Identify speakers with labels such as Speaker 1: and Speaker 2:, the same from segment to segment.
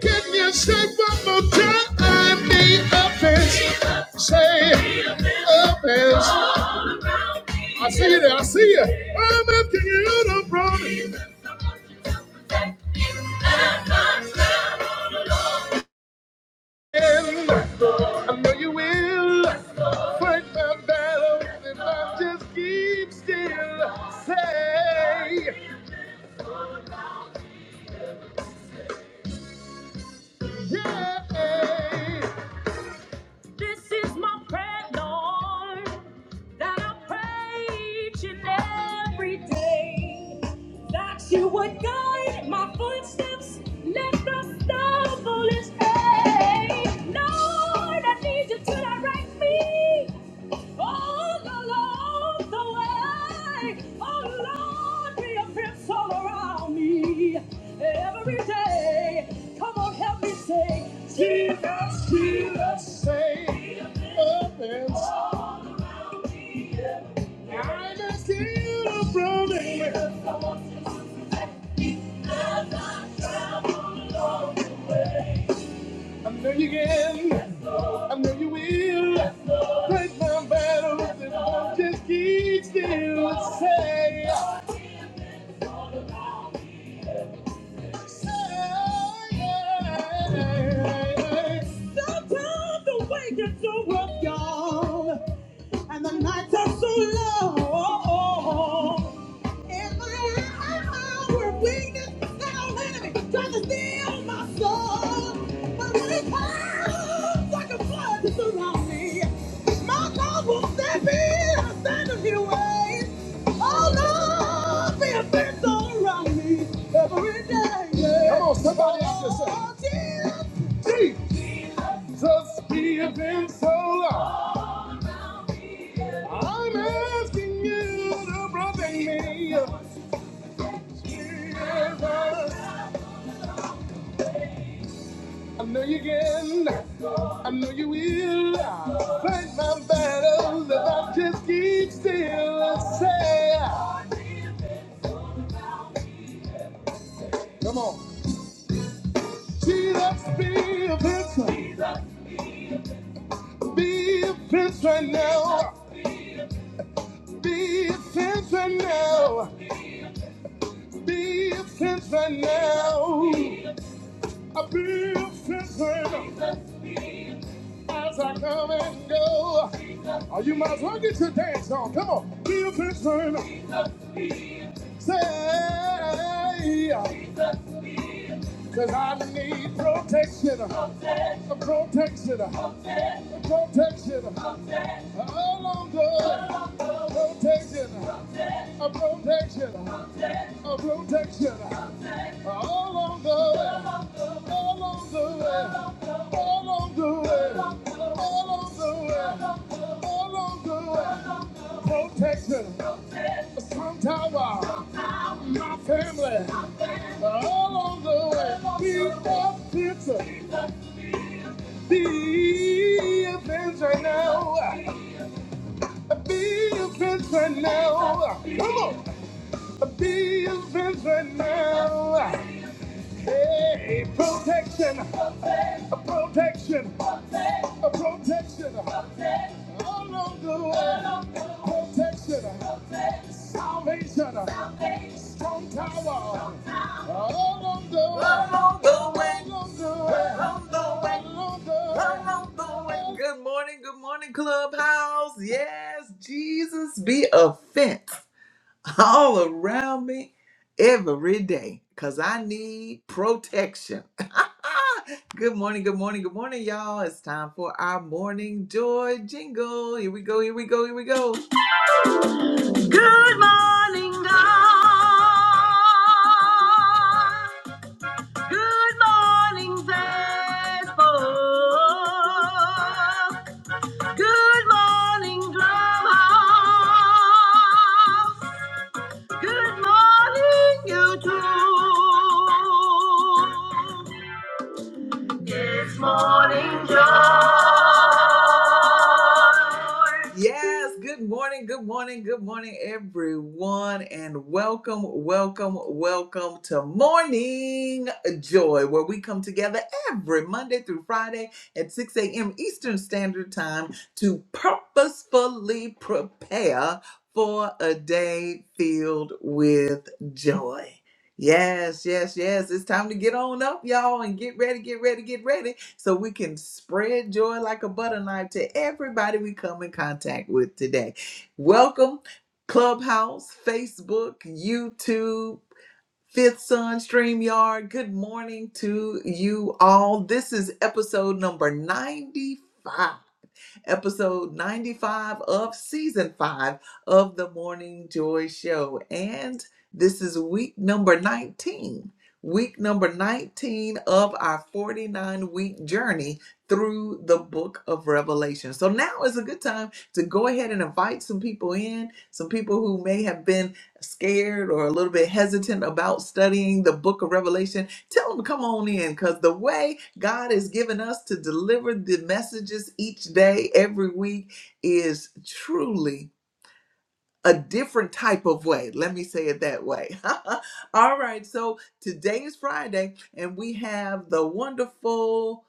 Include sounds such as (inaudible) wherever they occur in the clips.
Speaker 1: Can you say one more time? The offense. Say offense. I see you there. I see you. I'm asking you to promise. And I know you will fight my battles if I just keep still. Say, yeah. This is my prayer, Lord. that I pray each and every day. That you would guide my footsteps, let the stumbling stay. Lord, I need you to direct me all along the way. Oh Lord, be a fence all around me every day. Come on, help me say, Jesus, Jesus, say, a fence. I just keep running. I know you can. I know you will. Fight my battles and I'll just keep still and say. oh, yeah. Sometimes the way gets so rough, y'all, and the nights are so long. In my hour of weakness, that old enemy tried to steal my soul. But when it comes like a flood to surround me, my God will step in and stand in your way. Oh, Lord, be a fence all around me every day. yeah. Come on, somebody else just say, Oh, Jesus, Jesus, be a fence all around. I'm asking you to protect me. I know you can. I know you will. Fight my battles if I just keep still and say, Come on. Jesus, be a prince. Be a prince right now. Be a prince right now. Be a prince right now. I will be a prince right now. As I come and go. Oh, you might as well get your dance on. Come on. Be a prince right now. Say, says I need protection, protection, protection, all on good, protection, a protection, a protection, all on the way, all on the way, all on the way, all on the way, all on the way protection, a strong tower, a family, All the way we want it to be a fence right now. Be a fence right now. Be a fence right now. Hey, protection, a protection, a protection. All over the way. Protection, salvation. Strong tower. Along the way. Along the way, Along the way. Good morning, good morning, Clubhouse. Yes, Jesus be a fence all around me every day because I need protection. (laughs) good morning, good morning, good morning, y'all. It's time for our morning joy jingle. Here we go, here we go, here we go. Good morning, Facebook. Good morning, Drumhouse. Good morning, YouTube. It's morning joy. Yes, good morning, good morning, good morning, everyone, and welcome, welcome, welcome to Morning Joy, where we come together every Monday through Friday at 6 a.m. Eastern Standard Time to purposefully prepare for a day filled with joy. Yes, yes, yes. It's time to get on up, y'all, and get ready, get ready, get ready, so we can spread joy like a butter knife to everybody we come in contact with today. Welcome, Clubhouse, Facebook, YouTube. Fifth Sun StreamYard, good morning to you all. This is episode number 95 episode 95 of season five of the Morning Joy Show. And this is week number 19, week number 19 of our 49 week journey through the book of Revelation. So now is a good time to go ahead and invite some people in, some people who may have been scared or a little bit hesitant about studying the book of Revelation. Tell them to come on in because the way God has given us to deliver the messages each day, every week, is truly a different type of way. Let me say it that way. (laughs) All right. So today is Friday, and we have the wonderful,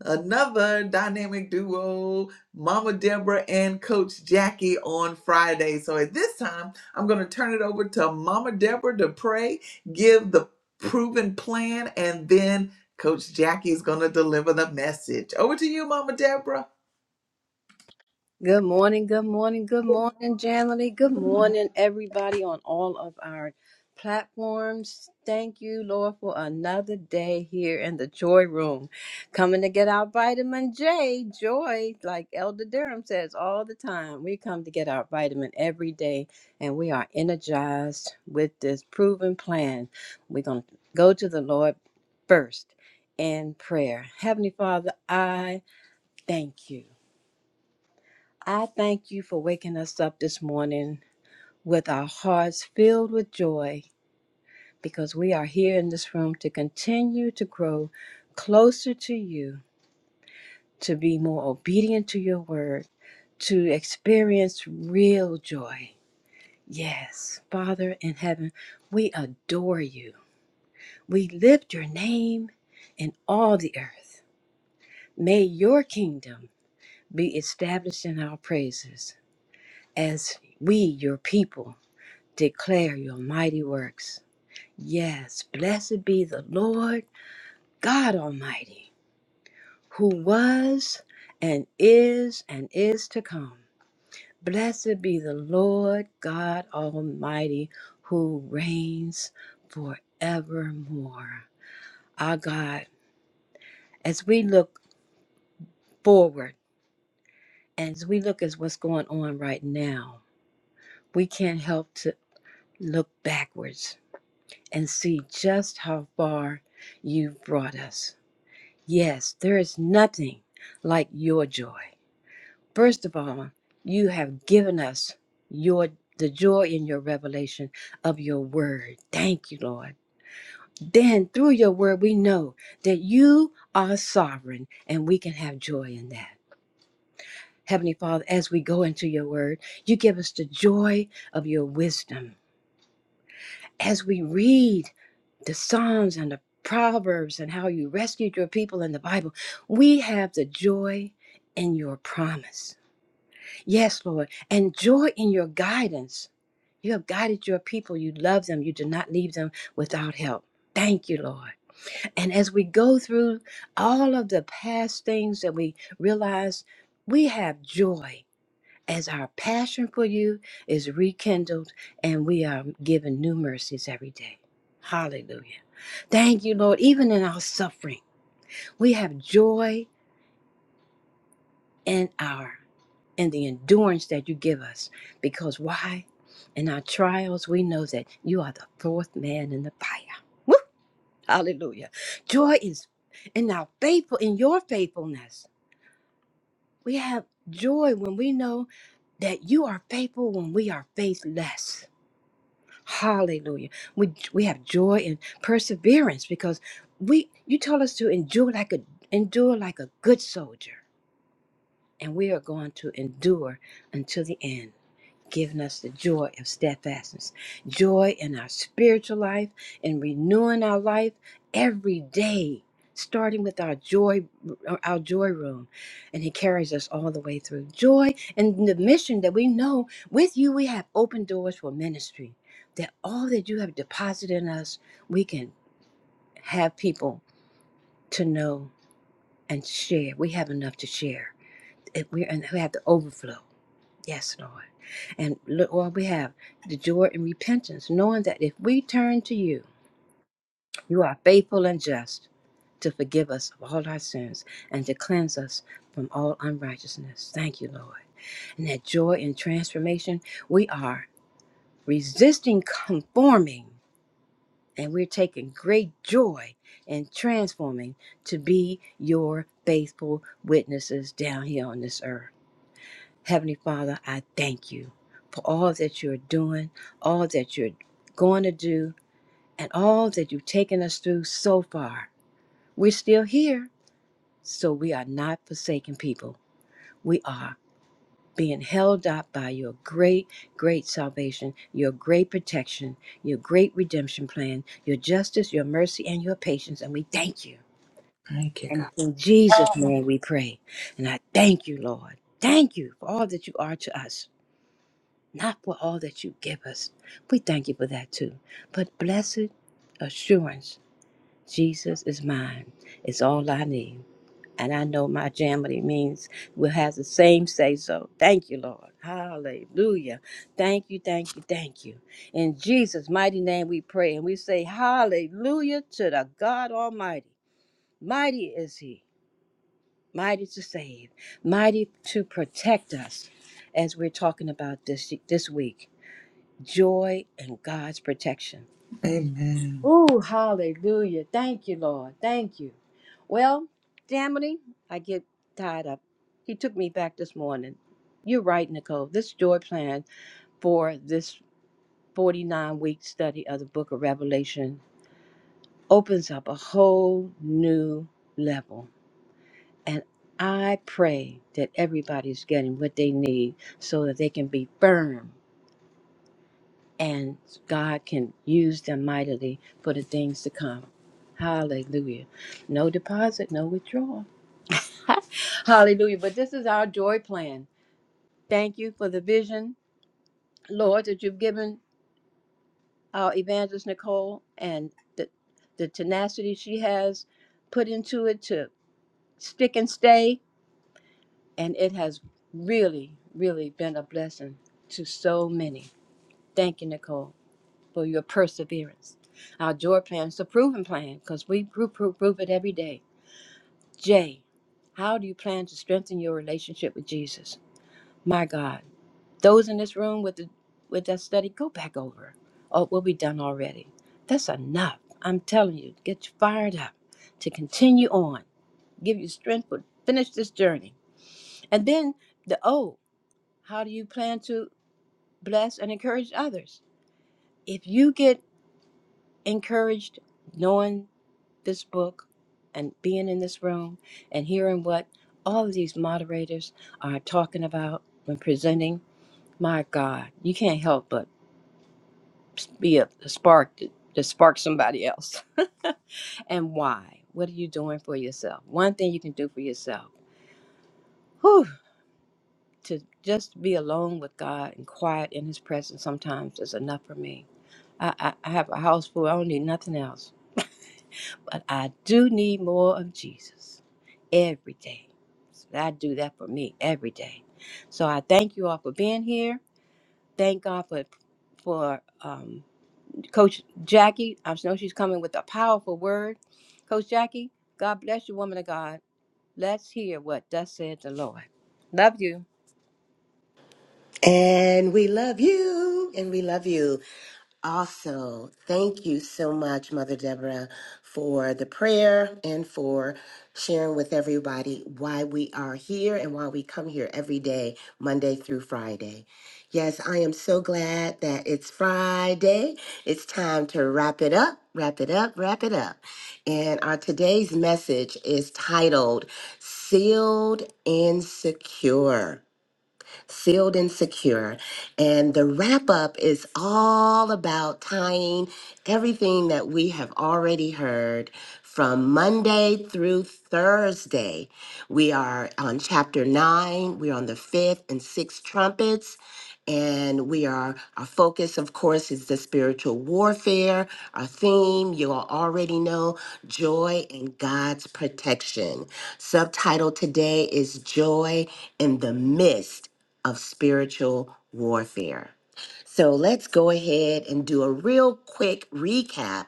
Speaker 1: another dynamic duo, Mama Deborah and Coach Jackie on Friday. So at this time, I'm going to turn it over to Mama Deborah to pray, give the proven plan, and then Coach Jackie is going to deliver the message. Over to you, Mama Deborah.
Speaker 2: Good morning, good morning, good morning, Janely. Good morning, everybody on all of our platforms. Thank you, Lord, for another day here in the Joy Room. Coming to get our vitamin J, joy, like Elder Durham says all the time. We come to get our vitamin every day, and we are energized with this proven plan. We're going to go to the Lord first in prayer. Heavenly Father, I thank you. I thank you for waking us up this morning with our hearts filled with joy because we are here in this room to continue to grow closer to you, to be more obedient to your word, to experience real joy. Yes, Father in heaven, we adore you. We lift your name in all the earth. May your kingdom be established in our praises as we, your people, declare your mighty works. Yes, blessed be the Lord God Almighty, who was and is and is to come. Blessed be the Lord God Almighty, who reigns forevermore. Our God, as we look forward, and as we look at what's going on right now, we can't help to look backwards and see just how far you've brought us Yes, there is nothing like your joy. First of all, you have given us your the joy in your revelation of your word. Thank you, Lord. Then through your word we know that you are sovereign and we can have joy in that. Heavenly Father, as we go into your word, you give us the joy of your wisdom. As we read the Psalms and the Proverbs and how you rescued your people in the Bible. We have the joy in your promise. Yes, Lord, and joy in your guidance. You have guided your people. You love them. You did not leave them without help. Thank you, Lord. And as we go through all of the past things that we realize, we have joy as our passion for you is rekindled and we are given new mercies every day. Hallelujah. Thank you, Lord. Even in our suffering, we have joy in our in the endurance that you give us. Because why? In our trials, we know that you are the fourth man in the fire. Woo! Hallelujah. Joy is in our faithful in your faithfulness. We have joy when we know that you are faithful when we are faithless Hallelujah. We we have joy and perseverance because we you told us to endure like a endure like a good soldier. And we are going to endure until the end giving us the joy of steadfastness, joy in our spiritual life, and renewing our life every day, starting with our joy, our joy room, and He carries us all the way through joy and the mission that we know with you we have open doors for ministry. That all that you have deposited in us, we can have people to know and share. We have enough to share. If We and we have the overflow. Yes, Lord. And look what we have the joy and repentance, knowing that if we turn to you, you are faithful and just to forgive us of all our sins and to cleanse us from all unrighteousness. Thank you, Lord. And that joy and transformation, we are resisting conforming and we're taking great joy in transforming to be your faithful witnesses down here on this earth. Heavenly Father, I thank you for all that you're doing, all that you're going to do, and all that you've taken us through so far. We're still here, so we are not forsaken people. We are being held up by your great, great salvation, your great protection, your great redemption plan, your justice, your mercy, and your patience, and we thank you.
Speaker 1: Thank you,
Speaker 2: And
Speaker 1: God.
Speaker 2: it's in Jesus'
Speaker 1: Oh,
Speaker 2: name we pray. And I thank you, Lord. Thank you for all that you are to us. not for all that you give us. We thank you for that too. But blessed assurance, Jesus is mine, is all I need. And I know my jamity means will have the same say so. Thank you, Lord. Hallelujah. Thank you, thank you, thank you. In Jesus' mighty name we pray and we say, Hallelujah to the God Almighty. Mighty is He, mighty to save, mighty to protect us as we're talking about this, this week joy, and God's protection.
Speaker 1: Amen.
Speaker 2: Ooh, hallelujah. Thank you, Lord. Thank you. Well, Damity, I get tied up. He took me back this morning. You're right, Nicole. This joy plan for this 49 week study of the book of Revelation opens up a whole new level. And I pray that everybody's getting what they need so that they can be firm and God can use them mightily for the things to come. Hallelujah. No deposit, no withdrawal. (laughs) Hallelujah. But this is our joy plan. Thank you for the vision, Lord, that you've given our evangelist Nicole and the, the tenacity she has put into it to stick and stay. And it has really, really been a blessing to so many. Thank you, Nicole. for your perseverance. Our joy plan is a proven plan because we prove, prove, prove it every day. J, how do you plan to strengthen your relationship with Jesus? My God, those in this room with the with that study, go back over. Oh, we'll be done already. That's enough. I'm telling you, get you fired up to continue on. Give you strength to finish this journey. And then the O, how do you plan to bless and encourage others? If you get encouraged, knowing this book and being in this room and hearing what all of these moderators are talking about when presenting. My God, you can't help but be a, a spark to, to spark somebody else. (laughs) and why? What are you doing for yourself? One thing you can do for yourself. Whew, to just be alone with God and quiet in His presence sometimes is enough for me. I, I, I have a house full. I don't need nothing else. But I do need more of Jesus. every day. So I do that for me every day. So I thank you all for being here. Thank God for for um, Coach Jackie. I know she's coming with a powerful word. Coach Jackie, God bless you, woman of God. Let's hear what thus said the Lord. Love you.
Speaker 3: And we love you, and we love you. Also, thank you so much, Mother Deborah, for the prayer and for sharing with everybody why we are here and why we come here every day, Monday through Friday. Yes, I am so glad that it's Friday. It's time to wrap it up, wrap it up, wrap it up. And our today's message is titled Sealed and Secure sealed and secure. And the wrap up is all about tying everything that we have already heard from Monday through Thursday. We are on chapter nine, we're on the fifth and sixth trumpets. And we are, our focus, of course, is the spiritual warfare. Our theme, you all already know, joy and God's protection. Subtitle today is Joy in the midst of spiritual warfare. So let's go ahead and do a real quick recap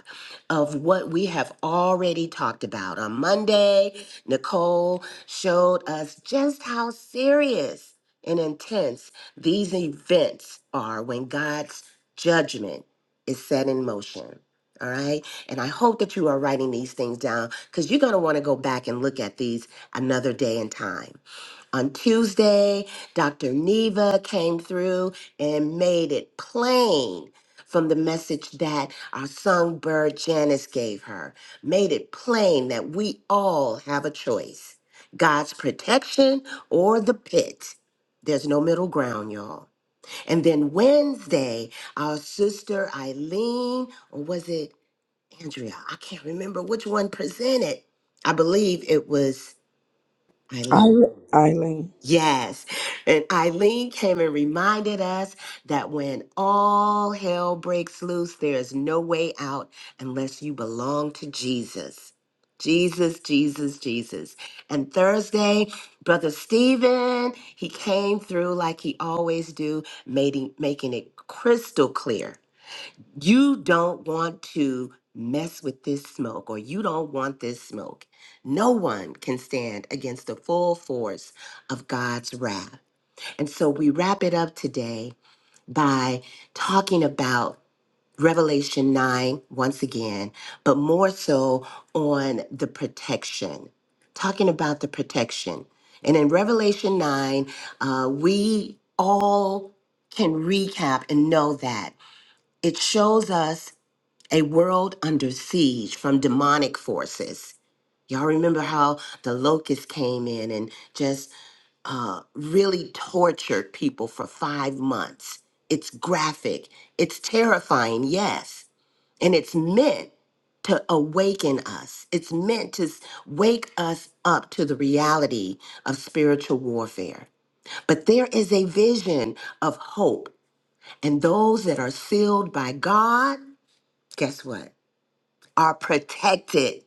Speaker 3: of what we have already talked about. On Monday, Nicole showed us just how serious and intense these events are when God's judgment is set in motion. All right. And I hope that you are writing these things down because you're going to want to go back and look at these another day in time. On Tuesday, Dr. Neva came through and made it plain from the message that our songbird Janice gave her, made it plain that we all have a choice God's protection or the pit. There's no middle ground, y'all. And then Wednesday, our sister Eileen, or was it Andrea? I can't remember which one presented. I believe it was Eileen
Speaker 4: Eile- Eileen.
Speaker 3: Yes. And Eileen came and reminded us that when all hell breaks loose, there is no way out unless you belong to Jesus. Jesus, Jesus, Jesus. And Thursday, Brother Stephen, he came through like he always do, making, making it crystal clear you don't want to mess with this smoke or you don't want this smoke. No one can stand against the full force of God's wrath. And so we wrap it up today by talking about Revelation 9 once again, but more so on the protection, talking about the protection. And in Revelation 9, uh, we all can recap and know that it shows us a world under siege from demonic forces. Y'all remember how the locusts came in and just uh, really tortured people for five months. It's graphic, it's terrifying, yes, and it's meant to awaken us. It's meant to s- wake us up to the reality of spiritual warfare. But there is a vision of hope, and those that are sealed by God, guess what? are protected.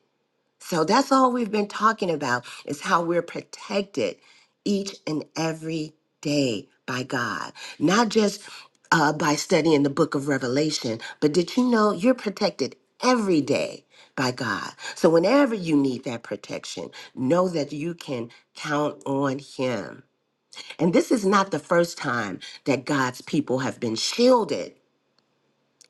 Speaker 3: So that's all we've been talking about is how we're protected each and every day by God, not just uh, by studying the book of Revelation, but did you know you're protected every day by God? So whenever you need that protection, know that you can count on Him. And this is not the first time that God's people have been shielded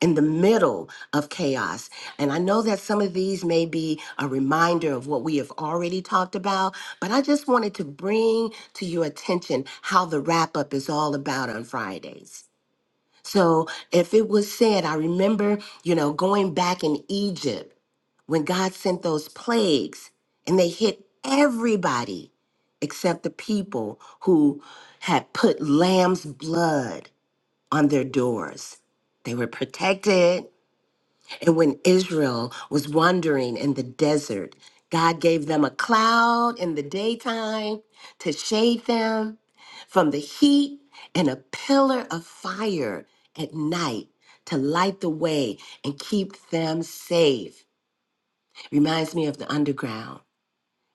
Speaker 3: in the middle of chaos. And I know that some of these may be a reminder of what we have already talked about, but I just wanted to bring to your attention how the wrap up is all about on Fridays. So if it was said, I remember, you know, going back in Egypt when God sent those plagues and they hit everybody except the people who had put lamb's blood on their doors. They were protected and when Israel was wandering in the desert, God gave them a cloud in the daytime to shade them from the heat and a pillar of fire at night to light the way and keep them safe. Reminds me of the underground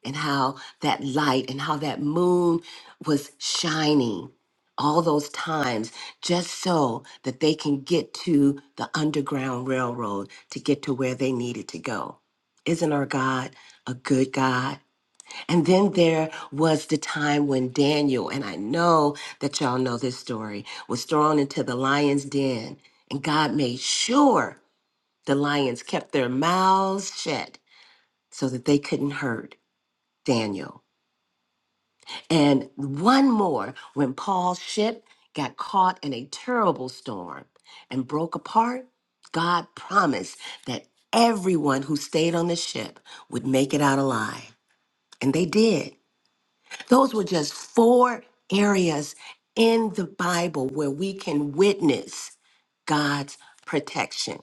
Speaker 3: and how that light and how that moon was shining all those times just so that they can get to the underground railroad to get to where they needed to go isn't our god a good god and then there was the time when daniel and i know that y'all know this story was thrown into the lion's den and god made sure the lions kept their mouths shut so that they couldn't hurt daniel and one more when Paul's ship got caught in a terrible storm and broke apart, God promised that everyone who stayed on the ship would make it out alive. And they did. Those were just four areas in the Bible where we can witness God's protection.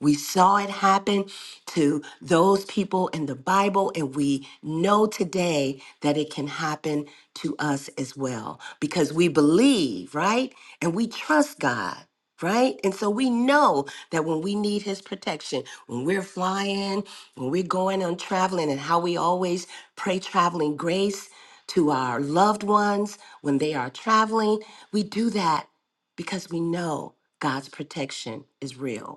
Speaker 3: We saw it happen to those people in the Bible, and we know today that it can happen to us as well because we believe, right? And we trust God, right? And so we know that when we need His protection, when we're flying, when we're going on traveling, and how we always pray traveling grace to our loved ones when they are traveling, we do that because we know God's protection is real.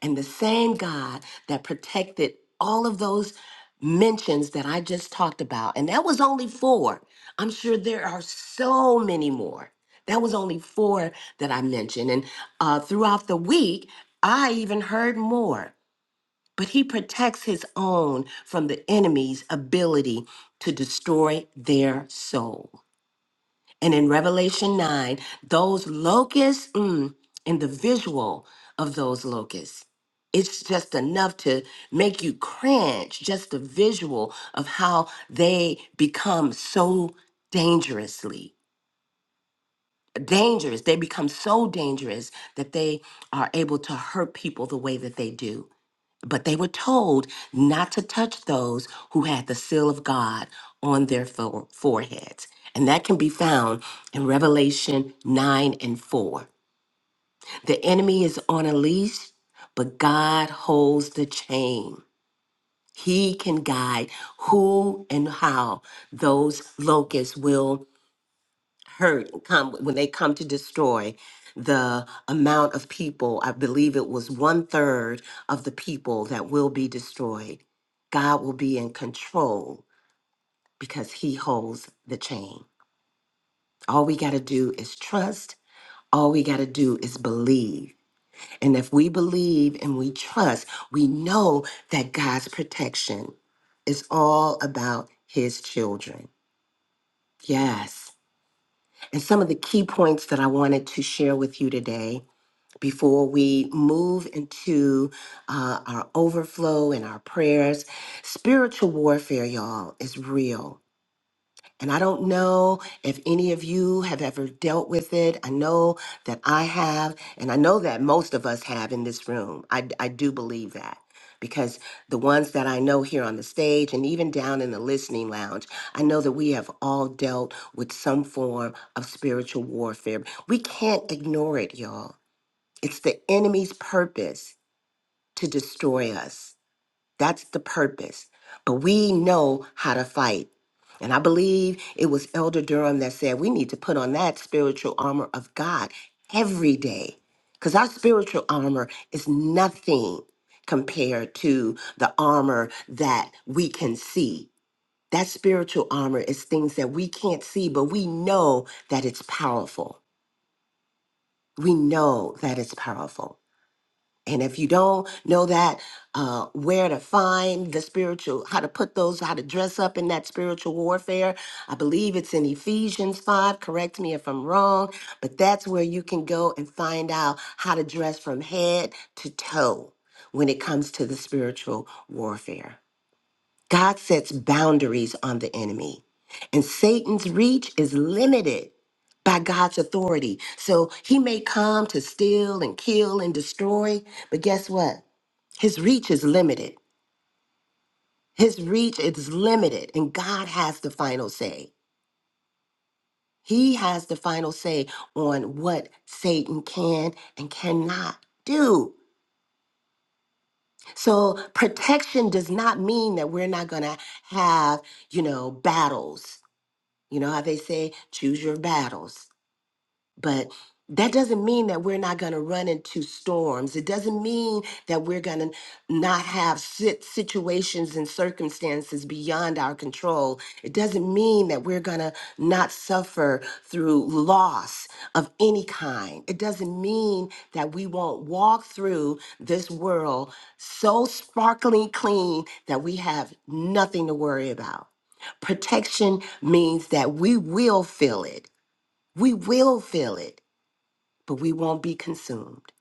Speaker 3: And the same God that protected all of those mentions that I just talked about, and that was only four. I'm sure there are so many more. That was only four that I mentioned. And uh, throughout the week, I even heard more. But he protects his own from the enemy's ability to destroy their soul. And in Revelation 9, those locusts mm, and the visual of those locusts, it's just enough to make you cringe, just the visual of how they become so dangerously dangerous. They become so dangerous that they are able to hurt people the way that they do. But they were told not to touch those who had the seal of God on their fore- foreheads. And that can be found in Revelation 9 and 4. The enemy is on a leash, but God holds the chain. He can guide who and how those locusts will hurt come when they come to destroy the amount of people i believe it was one third of the people that will be destroyed god will be in control because he holds the chain all we got to do is trust all we got to do is believe and if we believe and we trust we know that god's protection is all about his children yes and some of the key points that I wanted to share with you today before we move into uh, our overflow and our prayers. Spiritual warfare, y'all, is real. And I don't know if any of you have ever dealt with it. I know that I have, and I know that most of us have in this room. I, I do believe that because the ones that I know here on the stage and even down in the listening lounge, I know that we have all dealt with some form of spiritual warfare. We can't ignore it, y'all. It's the enemy's purpose to destroy us. That's the purpose. But we know how to fight. And I believe it was Elder Durham that said we need to put on that spiritual armor of God every day. Because our spiritual armor is nothing compared to the armor that we can see. That spiritual armor is things that we can't see, but we know that it's powerful. We know that it's powerful. And if you don't know that, uh, where to find the spiritual, how to put those, how to dress up in that spiritual warfare, I believe it's in Ephesians 5. Correct me if I'm wrong, but that's where you can go and find out how to dress from head to toe when it comes to the spiritual warfare. God sets boundaries on the enemy, and Satan's reach is limited by God's authority. So he may come to steal and kill and destroy, but guess what? His reach is limited. His reach is limited, and God has the final say. He has the final say on what Satan can and cannot do. So protection does not mean that we're not going to have, you know, battles You know how they say, choose your battles. But that doesn't mean that we're not going to run into storms. It doesn't mean that we're going to not have sit- situations and circumstances beyond our control. It doesn't mean that we're going to not suffer through loss of any kind. It doesn't mean that we won't walk through this world so sparkling clean that we have nothing to worry about. Protection means that we will feel it. We will feel it but we won't be consumed.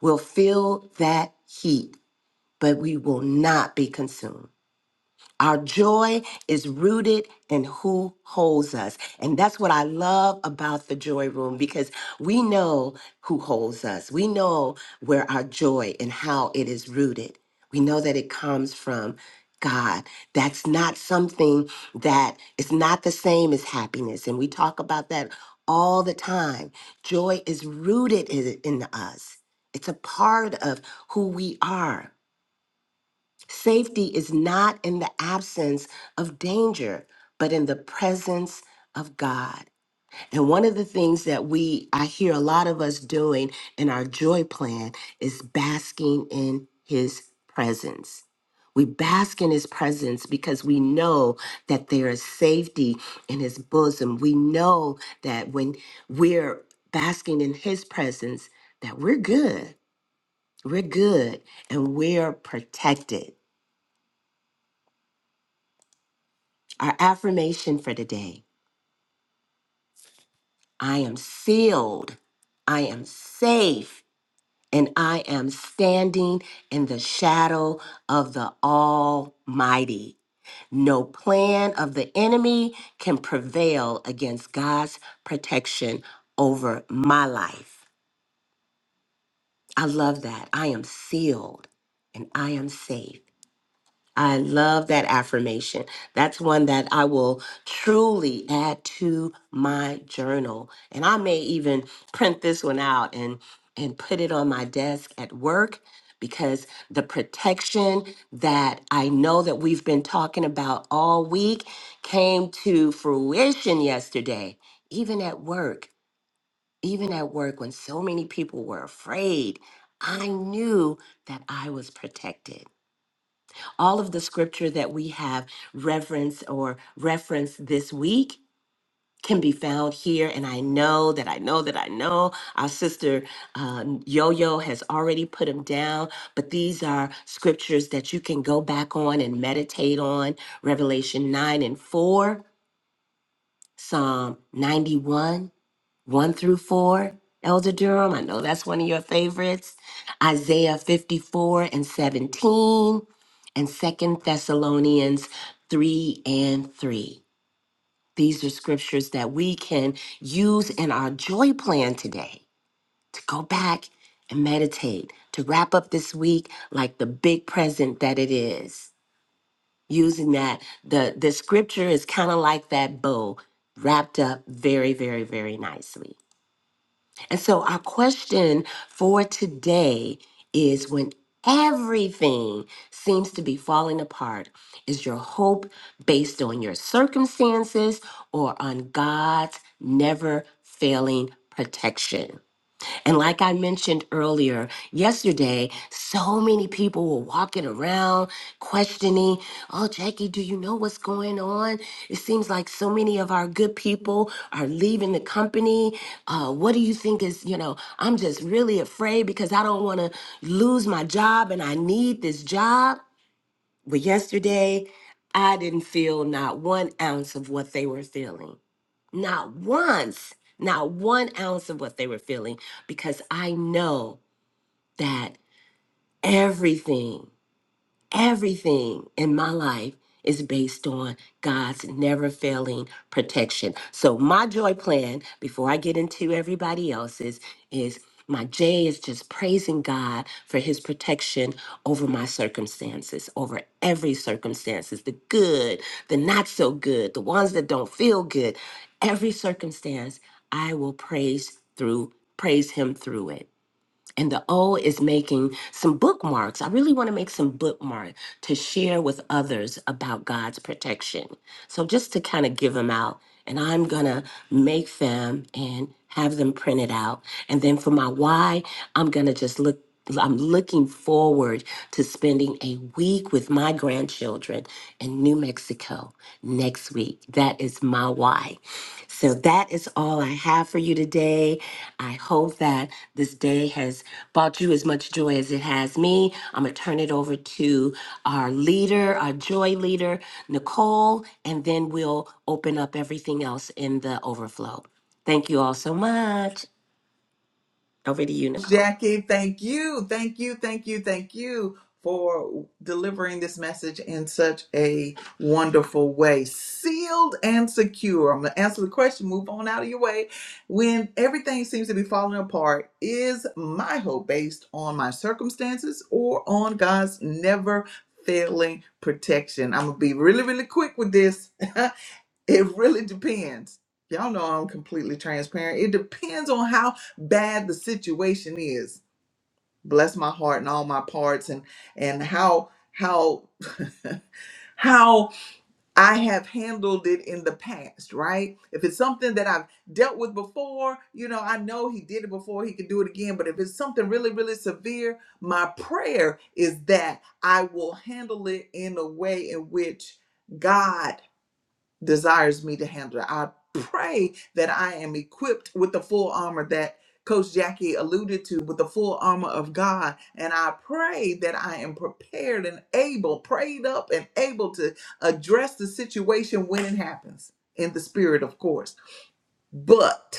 Speaker 3: We'll feel that heat, but we will not be consumed. Our joy is rooted in who holds us. And that's what I love about the joy room because we know who holds us. We know where our joy and how it is rooted. We know that it comes from God. That's not something that is not the same as happiness. And we talk about that all the time. Joy is rooted in in us, it's a part of who we are. Safety is not in the absence of danger, but in the presence of God. And one of the things that we I hear a lot of us doing in our joy plan is basking in his presence. We bask in his presence because we know that there is safety in his bosom. We know that when we're basking in his presence that we're good. We're good and we're protected. Our affirmation for today I am sealed, I am safe, and I am standing in the shadow of the Almighty. No plan of the enemy can prevail against God's protection over my life. I love that. I am sealed and I am safe. I love that affirmation. That's one that I will truly add to my journal. And I may even print this one out and and put it on my desk at work because the protection that I know that we've been talking about all week came to fruition yesterday, even at work. Even at work when so many people were afraid, I knew that I was protected all of the scripture that we have referenced or referenced this week can be found here. And I know that I know that I know our sister uh, Yo Yo has already put them down, but these are scriptures that you can go back on and meditate on Revelation 9 and 4, Psalm 91. 1 through 4, Elder Durham. I know that's one of your favorites. Isaiah 54 and 17, and Second Thessalonians 3 and 3. These are scriptures that we can use in our joy plan today to go back and meditate, to wrap up this week like the big present that it is. Using that, the, the scripture is kind of like that bow wrapped up very, very, very nicely. And so, our question for today is when everything seems to be falling apart, is your hope based on your circumstances or on God's never failing protection? And like I mentioned earlier, yesterday, so many people were walking around questioning, oh, Jackie, do you know what's going on? It seems like so many of our good people are leaving the company. Uh, what do you think is, you know, I'm just really afraid because I don't want to lose my job and I need this job. But yesterday, I didn't feel not one ounce of what they were feeling. Not once, not one ounce of what they were feeling, because I know that everything. Everything in my life is based on God's never failing protection. So, my joy plan, before I get into everybody else's, is my J is just praising God for his protection over my circumstances, over every circumstances, the good, the not so good, the ones that don't feel good. Every circumstance, I will praise through, praise him through it and the O is making some bookmarks. I really want to make some bookmark to share with others about God's protection. So just to kind of give them out, and I'm gonna make them and have them printed out. And then for my why, I'm gonna just look. I'm looking forward to spending a week with my grandchildren in New Mexico next week. That is my why. So that is all I have for you today. I hope that this day has brought you as much joy as it has me. I'm going to turn it over to our leader, our joy leader, Nicole, and then we'll open up everything else in the overflow. Thank you all so much. Over to you, Nicole.
Speaker 1: Jackie, thank you. Thank you. Thank you. Thank you for delivering this message in such a wonderful way. Sealed and secure. I'm going to answer the question. Move on out of your way. When everything seems to be falling apart, is my hope based on my circumstances or on God's never failing protection? I'm going to be really, really quick with this. (laughs) It really depends. Y'all know I'm completely transparent. It depends on how bad the situation is. Bless my heart and all my parts and and how how (laughs) how I have handled it in the past, right? If it's something that I've dealt with before, you know, I know he did it before, he can do it again, but if it's something really really severe, my prayer is that I will handle it in a way in which God desires me to handle. I pray that I am equipped with the full armor that Coach Jackie alluded to, with the full armor of God. And I pray that I am prepared and able, prayed up and able to address the situation when it happens in the spirit, of course. But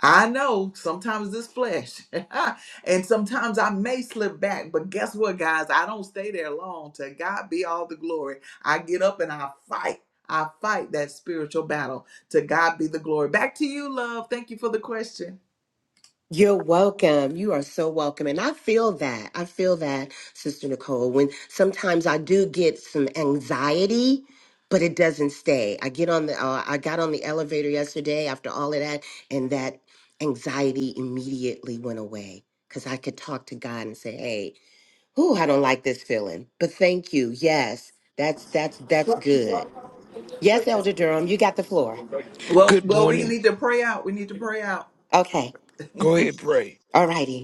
Speaker 1: I know sometimes it's flesh, (laughs) and sometimes I may slip back, but guess what, guys? I don't stay there long. To God be all the glory. I get up and I fight. I fight that spiritual battle. To God be the glory. Back to you, love. Thank you for the question.
Speaker 3: You're welcome. You are so welcome. And I feel that. I feel that, Sister Nicole, when sometimes I do get some anxiety, but it doesn't stay. I get on the uh, I got on the elevator yesterday after all of that and that anxiety immediately went away cuz I could talk to God and say, "Hey, whoo, I don't like this feeling, but thank you. Yes. That's that's that's good." Yes, Elder Durham, you got the floor.
Speaker 1: Well,
Speaker 5: Good
Speaker 1: well, we
Speaker 5: morning.
Speaker 1: need to pray out. We need to pray out.
Speaker 3: Okay.
Speaker 5: Go ahead, pray.
Speaker 3: All righty.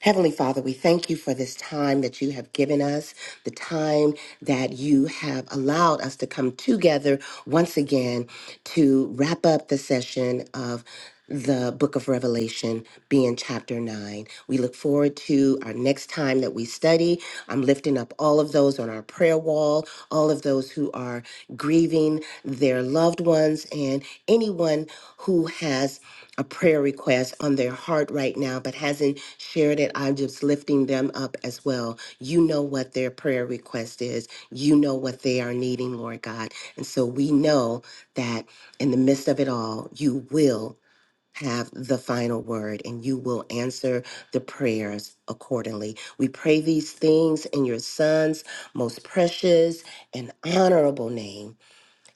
Speaker 3: Heavenly Father, we thank you for this time that you have given us, the time that you have allowed us to come together once again to wrap up the session of the book of Revelation, being chapter 9. We look forward to our next time that we study. I'm lifting up all of those on our prayer wall, all of those who are grieving their loved ones, and anyone who has a prayer request on their heart right now but hasn't shared it, I'm just lifting them up as well. You know what their prayer request is. You know what they are needing, Lord God. And so we know that in the midst of it all, you will have the final word and you will answer the prayers accordingly. We pray these things in your son's most precious and honorable name.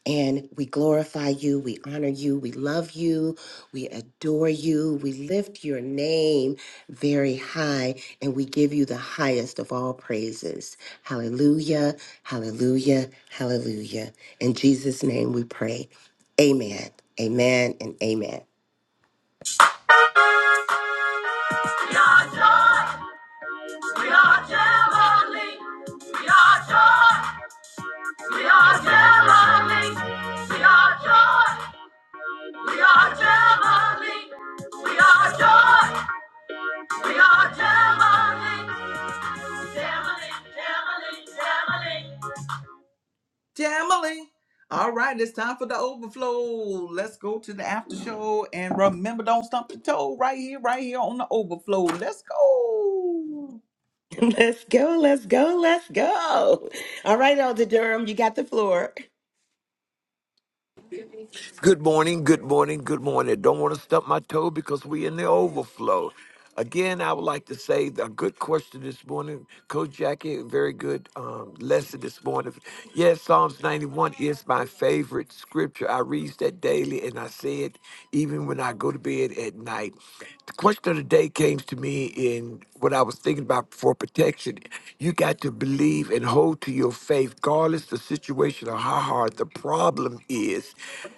Speaker 3: And we glorify you, we honor you, we love you, we adore you, we lift your name very high, and we give you the highest of all praises. Hallelujah, hallelujah, hallelujah. In Jesus' name we pray. Amen, amen, and amen.
Speaker 1: We are joy. We are heavenly. We are joy. We are heavenly. We are joy. We are Germany. We are joy. We are Germany. Germany, Germany, Germany. Germany. All right, it's time for the overflow. Let's go to the after show and remember, don't stump your toe right here, right here on the overflow. Let's go.
Speaker 3: (laughs) let's go, let's go, let's go. All right, Elder Durham, you got the floor.
Speaker 5: Good morning, good morning, good morning. Don't want to stump my toe because we in the overflow. Again, I would like to say a good question this morning. Coach Jackie, very good um, lesson this morning. Yes, Psalms 91 is my favorite scripture. I read that daily and I say it even when I go to bed at night. The question of the day came to me and what I was thinking about for protection, you got to believe and hold to your faith, regardless the situation or how hard the problem is.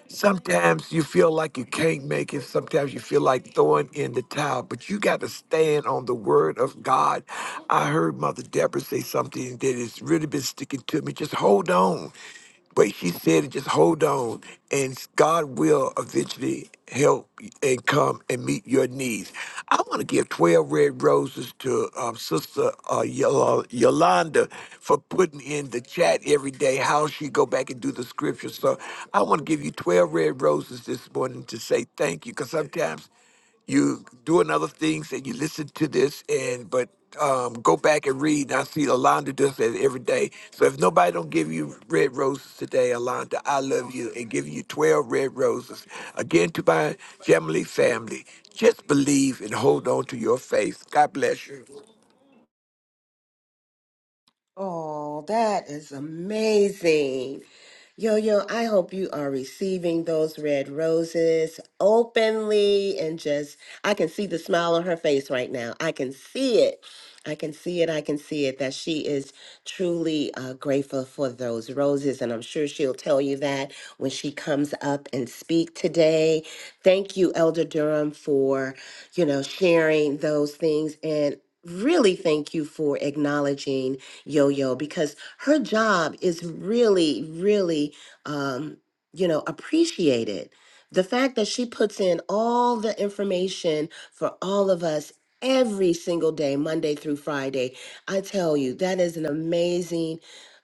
Speaker 5: Sometimes you feel like you can't make it. Sometimes you feel like throwing in the towel, but you got to stand on the word of God. I heard Mother Deborah say something that has really been sticking to me. Just hold on. But she said, just hold on, and God will eventually help and come and meet your needs. I want to give 12 red roses to um, Sister uh, Yol- Yolanda for putting in the chat every day how she go back and do the scriptures. So I want to give you 12 red roses this morning to say thank you, because sometimes you doing other things and you listen to this and but um, go back and read. And I see Alonda does that every day. So if nobody don't give you red roses today, Alonda, I love you and giving you 12 red roses. Again, to my Jamily family, just believe and hold on to your faith. God bless you.
Speaker 3: Oh, that is amazing. Yo, yo, I hope you are receiving those red roses openly and just, I can see the smile on her face right now. I can see it. I can see it. I can see it that she is truly uh, grateful for those roses. And I'm sure she'll tell you that when she comes up and speak today. Thank you, Elder Durham, for, you know, sharing those things. And really thank you for acknowledging Yo-Yo because her job is really, really, um, you know, appreciated. The fact that she puts in all the information for all of us every single day, Monday through Friday, I tell you, that is an amazing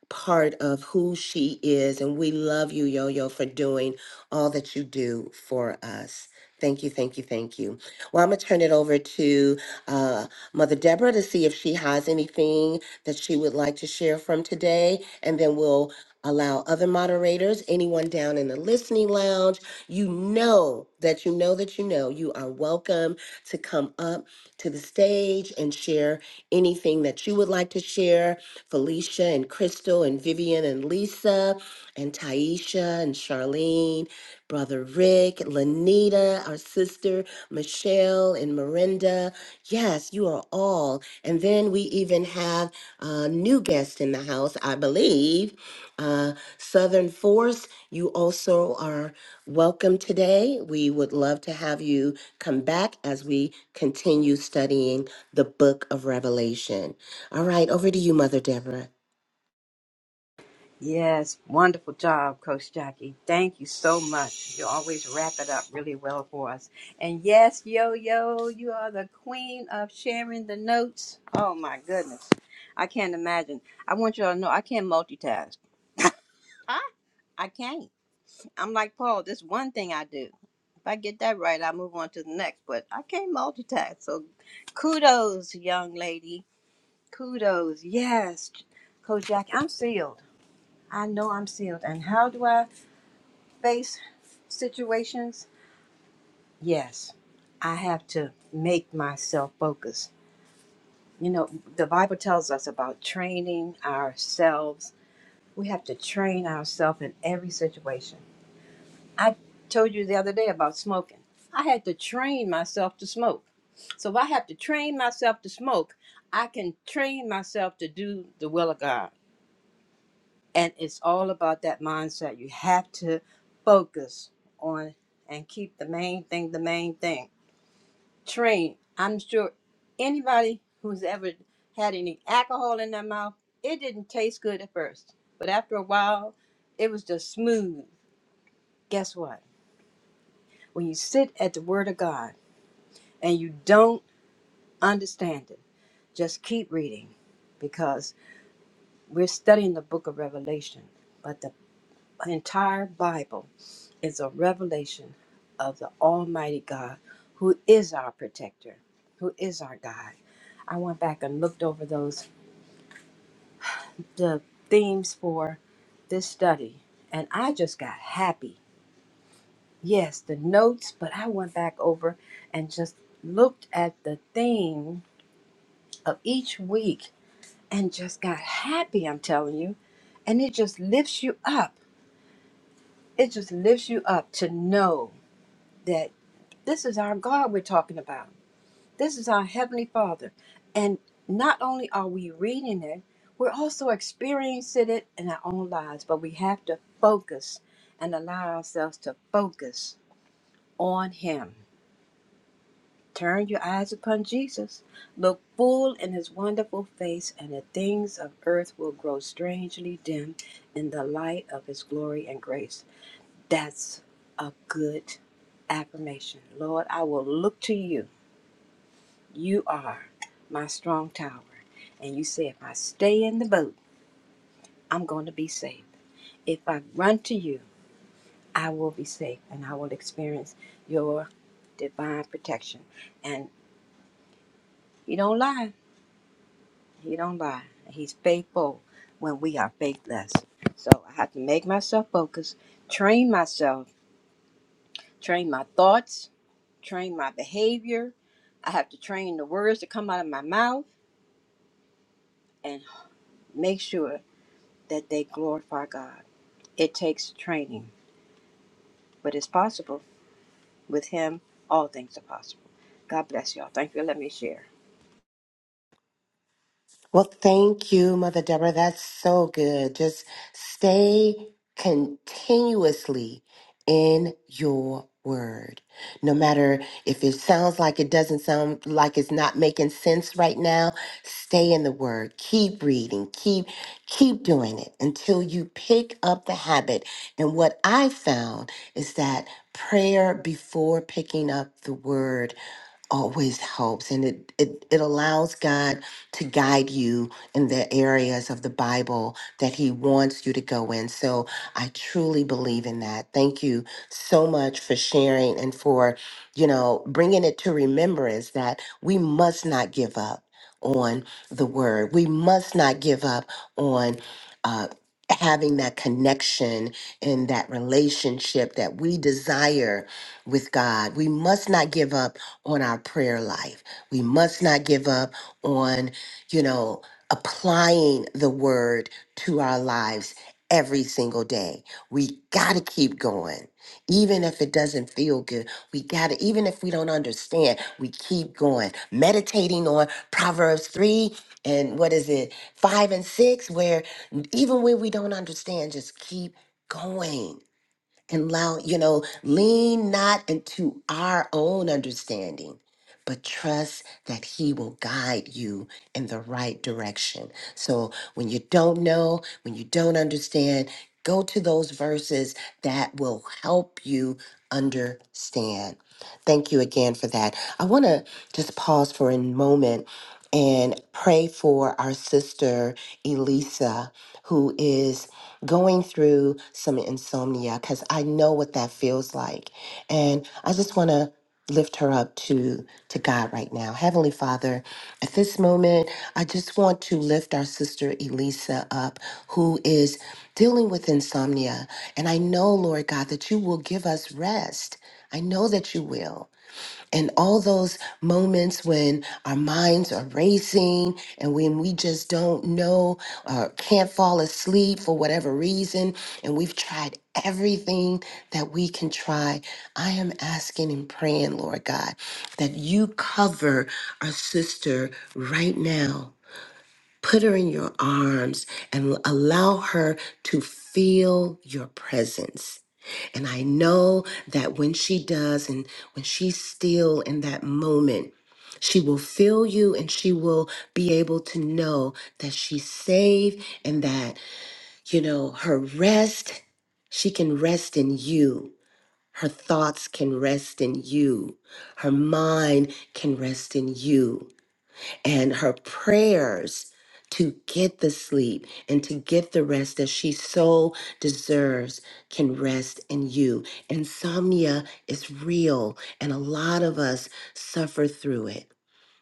Speaker 3: part of who she is. And we love you, Yo Yo, for doing all that you do for us. Thank you, thank you, thank you. Well, I'm going to turn it over to uh, Mother Deborah to see if she has anything that she would like to share from today. And then we'll allow other moderators, anyone down in the listening lounge. You know that you know that you know you are welcome to come up to the stage and share anything that you would like to share. Felicia and Crystal and Vivian and Lisa and Taisha and Charlene, Brother Rick, Lanita, our sister, Michelle and Miranda. Yes, you are all. And then we even have a new guest in the house, I believe. Uh, Southern Force, you also are welcome today. We would love to have you come back as we continue studying the book of Revelation. All right, over to you, Mother Deborah.
Speaker 2: Yes, wonderful job, Coach Jackie. Thank you so much. You always wrap it up really well for us. And yes, yo, yo, you are the queen of sharing the notes. Oh my goodness. I can't imagine. I want you all to know I can't multitask. I, I can't. I'm like Paul, this one thing I do. If I get that right, I move on to the next, but I can't multitask. So kudos, young lady. Kudos. Yes, Coach Jackie, I'm sealed. I know I'm sealed. And how do I? face situations, yes, I have to make myself focus. You know, the Bible tells us about training ourselves. We have to train ourselves in every situation. I told you the other day about smoking. I had to train myself to smoke. So if I have to train myself to smoke, I can train myself to do the will of God. And it's all about that mindset. You have to focus on and keep the main thing the main thing train. I'm sure anybody who's ever had any alcohol in their mouth, it didn't taste good at first. But after a while, it was just smooth. Guess what? When you sit at the Word of God and you don't understand it, just keep reading because we're studying the book of Revelation. But the entire Bible is a revelation of the Almighty God who is our protector, who is our guide. I went back and looked over those the themes for this study and I just got happy. Yes, the notes, but I went back over and just looked at the theme of each week and just got happy, I'm telling you. And it just lifts you up. It just lifts you up to know that this is our God we're talking about. This is our Heavenly Father. And not only are we reading it, we're also experiencing it in our own lives, but we have to focus and allow ourselves to focus on Him. Turn your eyes upon Jesus. Look full in His wonderful face, and the things of earth will grow strangely dim in the light of His glory and grace. That's a good affirmation. Lord, I will look to you You are my strong tower. And you say, if I stay in the boat, I'm going to be safe. If I run to you, I will be safe and I will experience your divine protection. And he don't lie. He don't lie. He's faithful when we are faithless. So I have to make myself focus, train myself, train my thoughts, train my behavior. I have to train the words that come out of my mouth and make sure that they glorify God. It takes training, but it's possible. With Him, all things are possible. God bless y'all. Thank you. Let me share.
Speaker 3: Well, thank you, Mother Deborah. That's so good. Just stay continuously in your word. No matter if it sounds like it doesn't sound like it's not making sense right now, stay in the word. Keep reading. Keep keep doing it until you pick up the habit. And what I found is that prayer before picking up the word always helps and it, it it allows God to guide you in the areas of the Bible that he wants you to go in. So I truly believe in that. Thank you so much for sharing and for, you know, bringing it to remembrance that we must not give up on the word. We must not give up on uh having that connection and that relationship that we desire with God. We must not give up on our prayer life. We must not give up on, you know, applying the word to our lives every single day. We got to keep going. Even if it doesn't feel good, we got to, even if we don't understand, we keep going. Meditating on Proverbs 3 and what is it, 5 and 6, where even when we don't understand, just keep going and allow, you know, lean not into our own understanding, but trust that He will guide you in the right direction. So when you don't know, when you don't understand, go to those verses that will help you understand. Thank you again for that. I want to just pause for a moment and pray for our sister Elisa, who is going through some insomnia because I know what that feels like. And I just want to lift her up to to God right now. Heavenly Father, at this moment, I just want to lift our sister Elisa up who is dealing with insomnia. And I know, Lord God, that you will give us rest. I know that you will. And all those moments when our minds are racing and when we just don't know or can't fall asleep for whatever reason, and we've tried everything that we can try, I am asking and praying, Lord God, that you cover our sister right now. Put her in your arms and allow her to feel your presence. And I know that when she does and when she's still in that moment, she will feel you and she will be able to know that she's safe and that, you know, her rest, she can rest in you. Her thoughts can rest in you. Her mind can rest in you and her prayers to get the sleep and to get the rest that she so deserves can rest in you. Insomnia is real, and a lot of us suffer through it.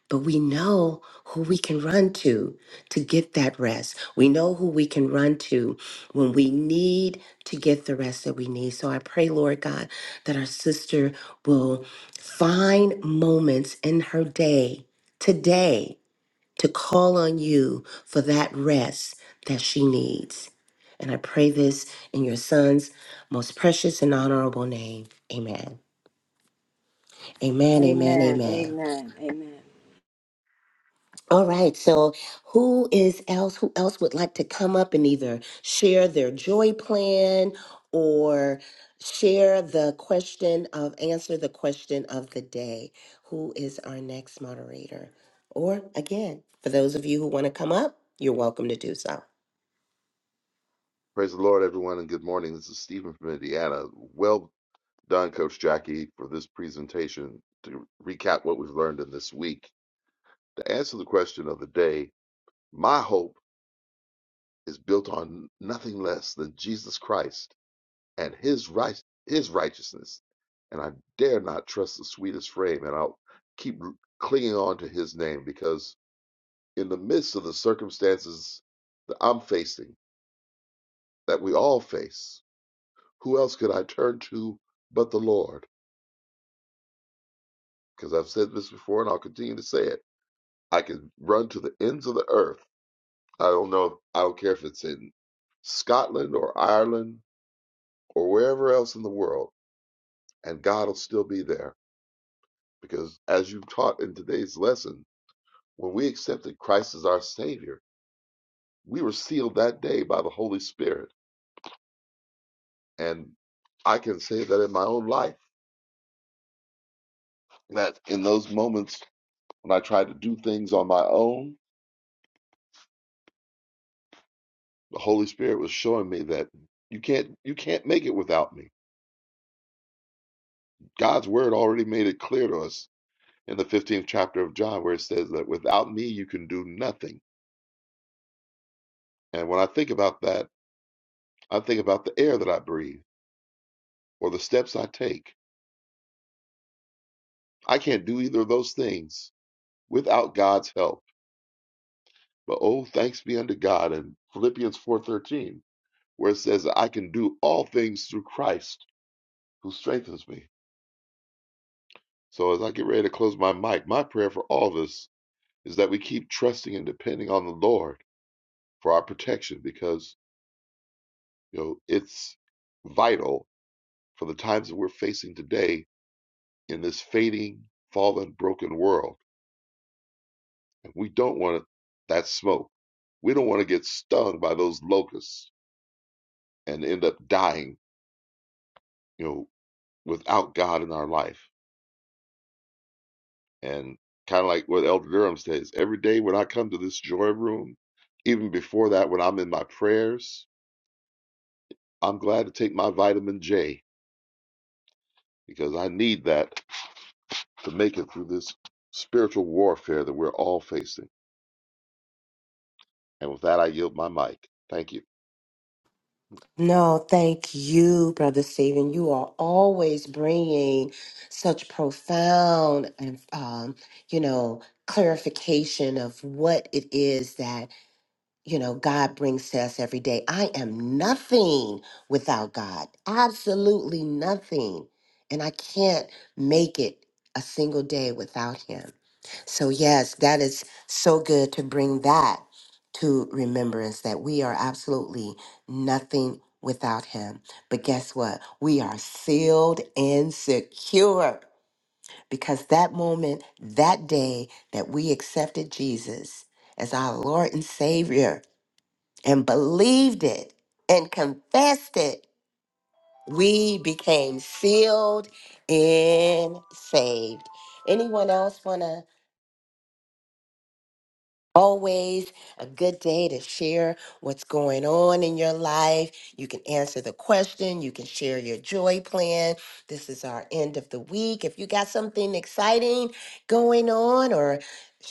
Speaker 3: But we know who we can run to to get that rest. We know who we can run to when we need to get the rest that we need. So I pray, Lord God, that our sister will find moments in her day today to call on you for that rest that she needs. And I pray this in your son's most precious and honorable name. Amen. Amen. Amen.
Speaker 2: Amen.
Speaker 3: Amen.
Speaker 2: Amen. Amen.
Speaker 3: All right. So, who is else? Who else would like to come up and either share their joy plan or share the question of answer the question of the day? Who is our next moderator? Or again, for those of you who want to come up, you're welcome to do so.
Speaker 6: Praise the Lord, everyone, and good morning. This is Stephen from Indiana. Well done, Coach Jackie, for this presentation to recap what we've learned in this week. To answer the question of the day, my hope is built on nothing less than Jesus Christ and his, right, his righteousness. And I dare not trust the sweetest frame, and I'll keep clinging on to his name because in the midst of the circumstances that I'm facing, that we all face, who else could I turn to but the Lord? because I've said this before and I'll continue to say it. I can run to the ends of the earth. I don't know. If, I don't care if it's in Scotland or Ireland or wherever else in the world, and God will still be there. Because as you taught in today's lesson, when we accepted Christ as our Savior, we were sealed that day by the Holy Spirit. And I can say that in my own life, that in those moments when I tried to do things on my own, the Holy Spirit was showing me that you can't you can't make it without me God's word already made it clear to us in the 15th chapter of John, where it says that without me, you can do nothing. And when I think about that, I think about the air that I breathe or the steps I take. I can't do either of those things without God's help. But oh, thanks be unto God in Philippians 4:13, where it says that I can do all things through Christ who strengthens me. So as I get ready to close my mic, my prayer for all of us is that we keep trusting and depending on the Lord for our protection because You know, it's vital for the times that we're facing today in this fading, fallen, broken world. And we don't want that smoke. We don't want to get stung by those locusts and end up dying, you know, without God in our life. And kind of like what Elder Durham says, every day when I come to this joy room, even before that, when I'm in my prayers, I'm glad to take my vitamin J because I need that to make it through this spiritual warfare that we're all facing. And with that, I yield my mic. Thank you.
Speaker 3: No, thank you, Brother Stephen. You are always bringing such profound and, um, you know, clarification of what it is that, you know, God brings to us every day. I am nothing without God, absolutely nothing. And I can't make it a single day without Him. So, yes, that is so good to bring that to remembrance that we are absolutely nothing without Him. But guess what? We are sealed and secure because that moment, that day that we accepted Jesus as our Lord and Savior and believed it and confessed it, we became sealed and saved. Anyone else want to? Always a good day to share what's going on in your life. You can answer the question. You can share your joy plan. This is our end of the week. If you got something exciting going on or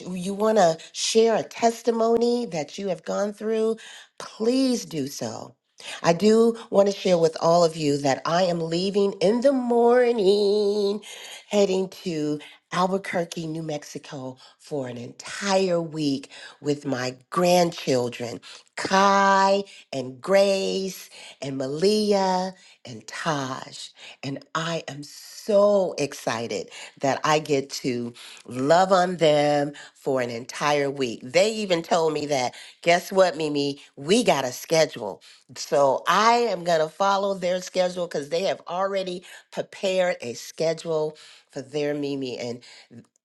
Speaker 3: you want to share a testimony that you have gone through, please do so. I do want to share with all of you that I am leaving in the morning, heading to Albuquerque, New Mexico for an entire week with my grandchildren, Kai and Grace and Malia and Taj. And I am so excited that I get to love on them for an entire week. They even told me that, guess what, Mimi? We got a schedule. So I am going to follow their schedule because they have already prepared a schedule for their Mimi. and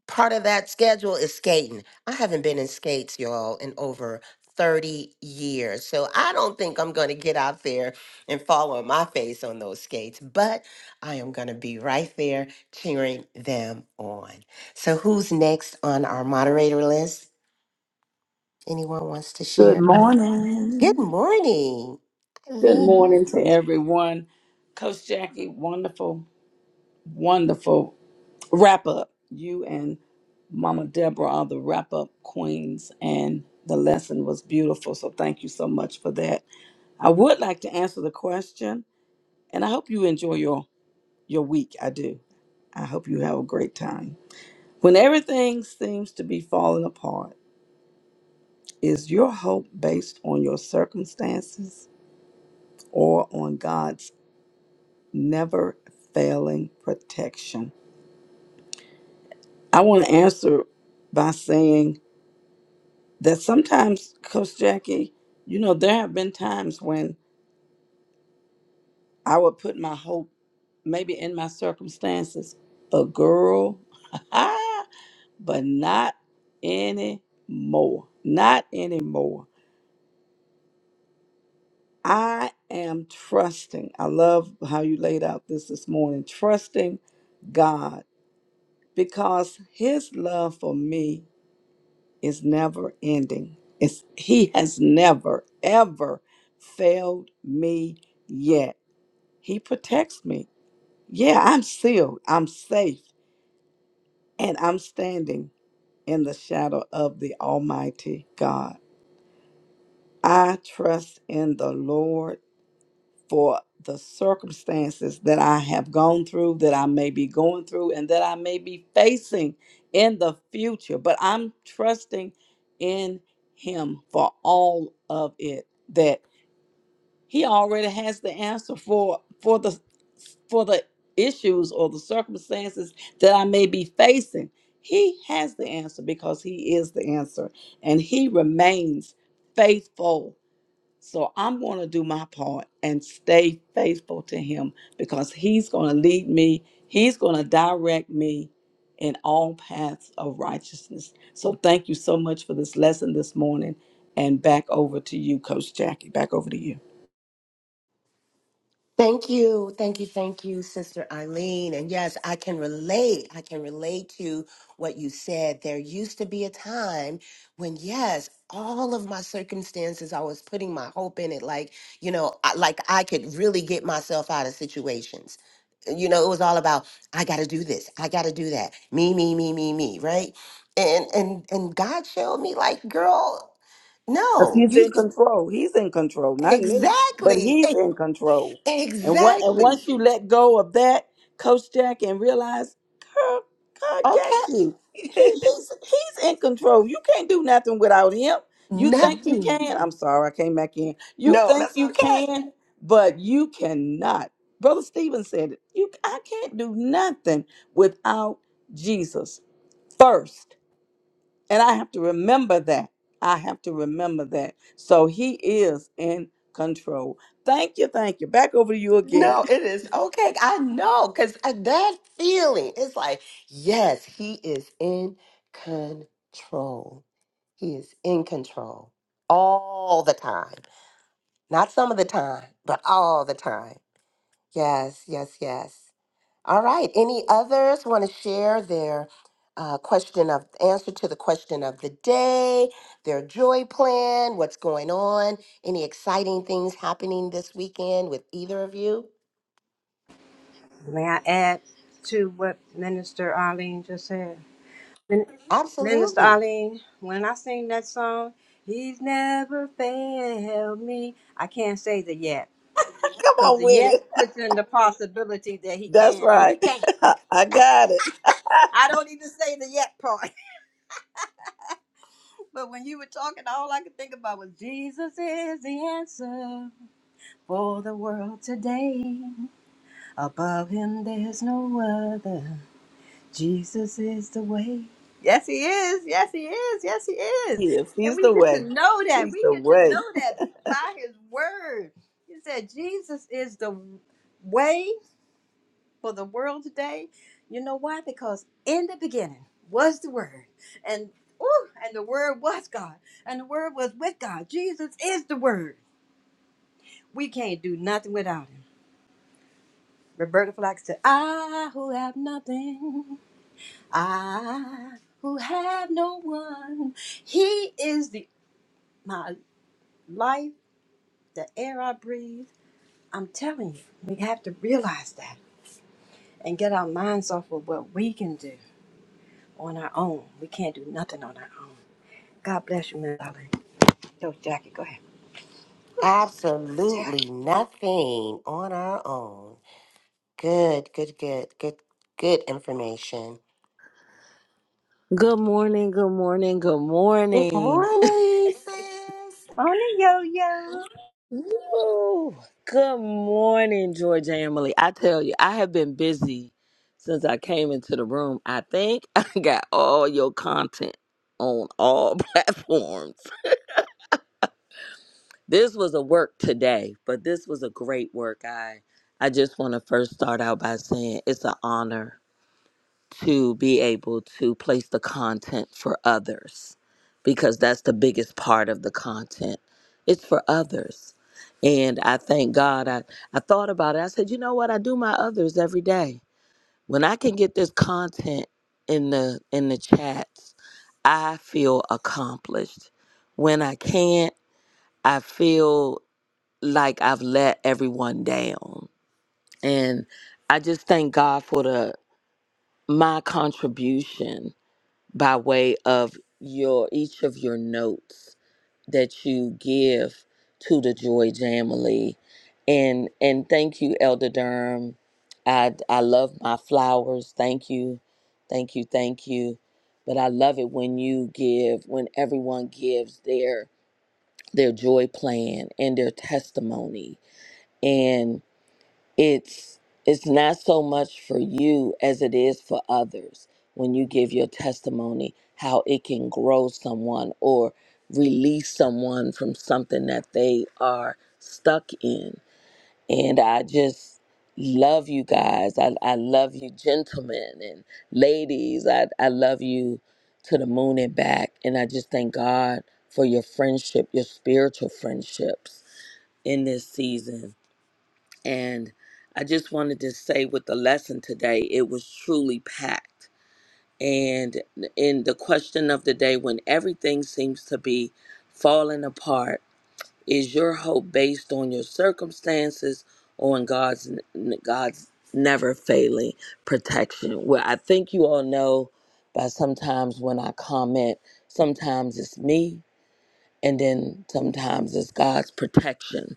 Speaker 3: part of that schedule is skating. I haven't been in skates, y'all, in over 30 years. So I don't think I'm going to get out there and fall on my face on those skates, but I am going to be right there cheering them on. So who's next on our moderator list? Anyone wants to
Speaker 4: Good
Speaker 3: share? Good
Speaker 4: morning.
Speaker 3: morning.
Speaker 4: Good
Speaker 3: Eileen.
Speaker 4: morning to everyone. Coach Jackie, wonderful, wonderful wrap up. You and Mama Deborah are the wrap up queens, and the lesson was beautiful. So thank you so much for that. I would like to answer the question, and I hope you enjoy your, your week. I do. I hope you have a great time. When everything seems to be falling apart, is your hope based on your circumstances? or on God's never failing protection. I want to answer by saying that sometimes, Coach Jackie, you know, there have been times when I would put my hope maybe in my circumstances, but girl, (laughs) but not anymore. Not anymore. I am trusting. I love how you laid out this this morning. Trusting God because his love for me is never ending. It's, he has never, ever failed me yet. He protects me. Yeah, I'm sealed, I'm safe, and I'm standing in the shadow of the Almighty God. I trust in the Lord for the circumstances that I have gone through, that I may be going through, and that I may be facing in the future. But I'm trusting in Him for all of it. That He already has the answer for for the for the issues or the circumstances that I may be facing. He has the answer because He is the answer, and He remains faithful so I'm going to do my part and stay faithful to him because he's going to lead me. He's going to direct me in all paths of righteousness. So thank you so much for this lesson this morning. And back over to you, Coach Jackie. Back over to you.
Speaker 3: Thank you. Thank you. Thank you, Sister Eileen. And yes, I can relate. I can relate to what you said. There used to be a time when, yes, all of my circumstances, I was putting my hope in it. Like, you know, I, like I could really get myself out of situations. You know, it was all about, I got to do this. I got to do that. Me, me, me, me, me. Right. And, and, and God showed me like, girl,
Speaker 4: Because
Speaker 3: no,
Speaker 4: he's in
Speaker 3: you
Speaker 4: control. He's in control. Not me, but
Speaker 3: exactly,
Speaker 4: he's
Speaker 3: e-
Speaker 4: in control. And what and
Speaker 3: exactly.
Speaker 4: once you let go of that, Coach Jack, and realize, girl, God got you. He,
Speaker 3: Okay.
Speaker 4: he's he's in control. You can't do nothing without him.
Speaker 3: (laughs)
Speaker 4: You think you
Speaker 3: Nothing.
Speaker 4: can. I'm sorry, I came back in. You
Speaker 3: No,
Speaker 4: think
Speaker 3: that's
Speaker 4: you
Speaker 3: okay.
Speaker 4: can, but you cannot. Brother Stephen said it. You I can't do nothing without Jesus first. And I have to remember that. I have to remember that. So he is in control. Thank you. Thank you. Back over to you again. (laughs)
Speaker 3: No, it is okay. I know because that feeling is like, yes, he is in control. He is in control all the time. Not some of the time, but all the time. Yes, yes, yes. All right. Any others want to share their uh, question of answer to the question of the day, their joy plan, what's going on, any exciting things happening this weekend with either of you?
Speaker 2: May I add to what Minister Arlene just said? Min- Minister
Speaker 3: Absolutely.
Speaker 2: Arlene, when I sing that song, He's never failed me. I can't say the yet,
Speaker 4: Come
Speaker 2: because
Speaker 4: on
Speaker 2: the
Speaker 4: with
Speaker 2: yet
Speaker 4: it.
Speaker 2: puts in the possibility that He
Speaker 4: That's
Speaker 2: can, and
Speaker 4: right.
Speaker 2: He can't.
Speaker 4: (laughs) I got it.
Speaker 2: I don't even say the yet part. (laughs) But when you were talking, all I could think about was Jesus is the answer for the world today. Above him, there's no other. Jesus is the way. Yes, he is. Yes, he is. Yes, he is.
Speaker 4: He is.
Speaker 2: And
Speaker 4: He's
Speaker 2: we
Speaker 4: the
Speaker 2: get to
Speaker 4: way.
Speaker 2: know that.
Speaker 4: He's
Speaker 2: We
Speaker 4: the
Speaker 2: get to
Speaker 4: way.
Speaker 2: know that by his word. He said, Jesus is the way for the world today. You know why? Because in the beginning was the Word, and ooh, and the Word was God, and the Word was with God. Jesus is the Word. We can't do nothing without Him. Roberta Flack said, "I who have nothing, I who have no one, He is the my life, the air I breathe." I'm telling you, we have to realize that and get our minds off of what we can do on our own. We can't do nothing on our own. God bless you, Miss Darling. Yo, Jackie, go ahead. I tell you.
Speaker 3: Absolutely nothing on our own. Good, good, good, good, good information.
Speaker 7: Good morning, good morning, good
Speaker 3: Good
Speaker 7: morning.
Speaker 3: morning, sis.
Speaker 2: On the yo-yo.
Speaker 7: Woo! Good morning, Georgia Emily. I tell you, I have been busy since I came into the room. I think (laughs) I got all your content on all (laughs) platforms. This was a work today, but this was a great work. I I just want to first start out by saying it's an honor to be able to place the content for others because that's the biggest part of the content. It's for others. And I thank God. I, I thought about it. I said, you know what? I do my others every day. When I can get this content in the in the chats, I feel accomplished. When I can't, I feel like I've let everyone down. And I just thank God for the my contribution by way of your each of your notes that you give to the Joy Jamily. And and thank you, Elder Durham. I I love my flowers. Thank you. Thank you. Thank you. But I love it when you give, when everyone gives their their joy plan and their testimony it's it's not so much for you as it is for others when you give your testimony how it can grow someone or release someone from something that they are stuck in and i just love you guys i, I love you gentlemen and ladies I, I love you to the moon and back and i just thank god for your friendship your spiritual friendships in this season and I just wanted to say with the lesson today, it was truly packed. And in the question of the day, when everything seems to be falling apart, is your hope based on your circumstances or on God's God's never failing protection? Well, I think you all know by sometimes when I comment, sometimes it's me, and then sometimes it's God's protection.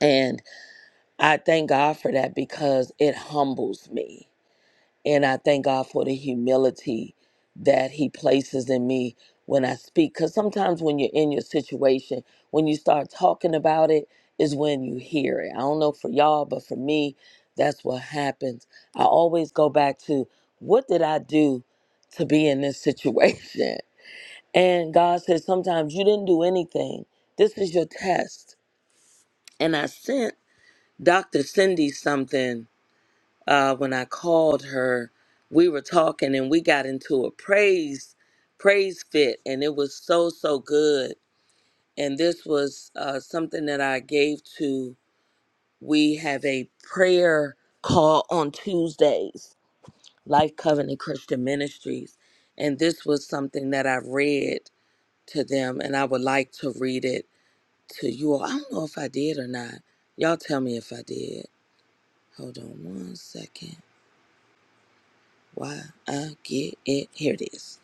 Speaker 7: and. I thank God for that because it humbles me. And I thank God for the humility that He places in me when I speak. Because sometimes when you're in your situation, when you start talking about it, is when you hear it. I don't know for y'all, but for me, that's what happens. I always go back to what did I do to be in this situation? (laughs) And God says, sometimes you didn't do anything. This is your test. And I sent Dr. Cindy something uh, when I called her, we were talking and we got into a praise praise fit, and it was so so good. And this was uh, something that I gave to. We have a prayer call on Tuesdays, Life Covenant Christian Ministries, and this was something that I read to them, and I would like to read it to you all. I don't know if I did or not. Y'all tell me if I did. Hold on one second. Why I get it. Here it is.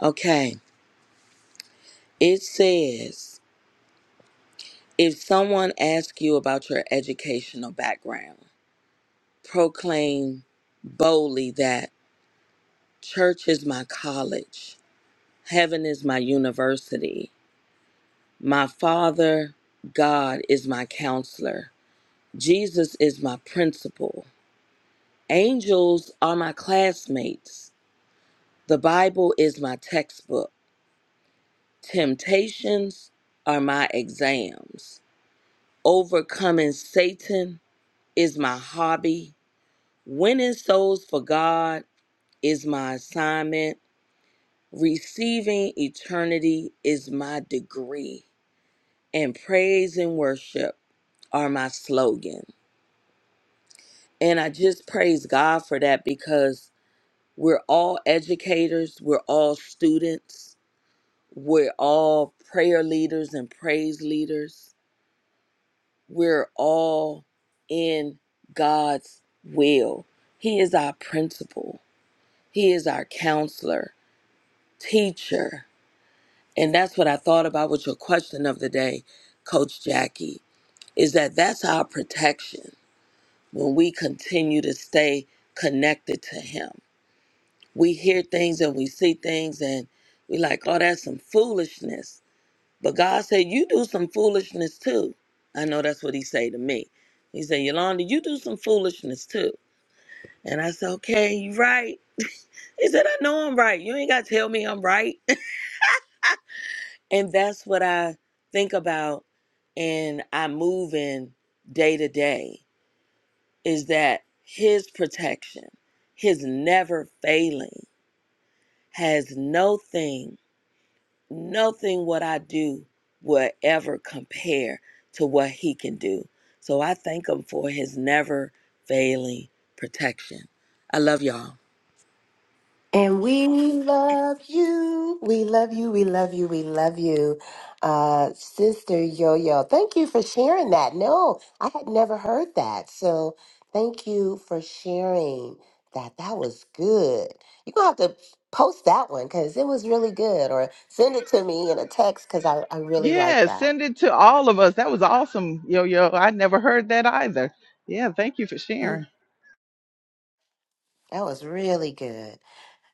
Speaker 7: Okay. It says if someone asks you about your educational background, proclaim boldly that church is my college, heaven is my university, my father, God, is my counselor, Jesus is my principal, angels are my classmates, the Bible is my textbook, temptations are my exams. Overcoming Satan is my hobby. Winning souls for God is my assignment. Receiving eternity is my degree. And praise and worship are my slogan. And I just praise God for that because we're all educators, we're all students, we're all prayer leaders and praise leaders. we're all in God's will. He is our principal, He is our counselor, teacher. And that's what I thought about with your question of the day, Coach Jackie, is that that's our protection when we continue to stay connected to Him. We hear things and we see things and we like, oh, that's some foolishness. But God said, You do some foolishness too. I know that's what he say to me. He said, Yolanda, you do some foolishness too. And I said, Okay, you right. He said, I know I'm right. You ain't gotta tell me I'm right. (laughs) and that's what I think about and I move in day to day is that his protection, his never failing, has no thing nothing what I do will ever compare to what he can do. So I thank him for his never failing protection. I love y'all.
Speaker 3: And we love you. We love you. We love you. We love you. Uh, Sister Yo Yo, thank you for sharing that. No, I had never heard that. So thank you for sharing that. That was good. You're going to have to post that one because it was really good or send it to me in a text because I, I really like
Speaker 1: Yeah,
Speaker 3: that.
Speaker 1: send it to all of us. That was awesome, Yo Yo. I never heard that either. Yeah, thank you for
Speaker 3: Mm,
Speaker 1: sharing.
Speaker 3: that was really good.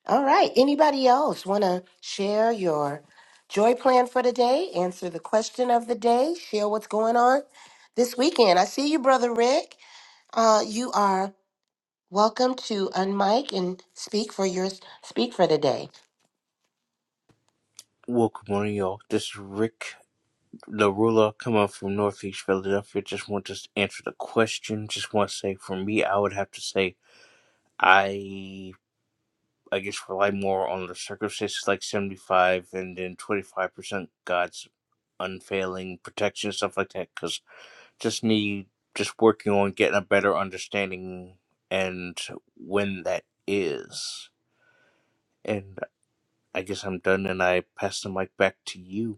Speaker 3: All right. Anybody else want to share your joy plan for the day? Answer the question of the day. Share what's going on this weekend. I see you, brother Rick. Uh, you are welcome to unmic and speak for your speak for the day.
Speaker 8: Welcome, morning, y'all. This is Rick, the ruler, coming from Northeast Philadelphia. Just want to answer the question. Just want to say, for me, I would have to say I, I guess, rely more on the circumstances, like seventy-five, and then twenty-five percent God's unfailing protection, stuff like that. Because just need, just working on getting a better understanding, and when that is, and I guess I'm done, and I pass the mic back to you.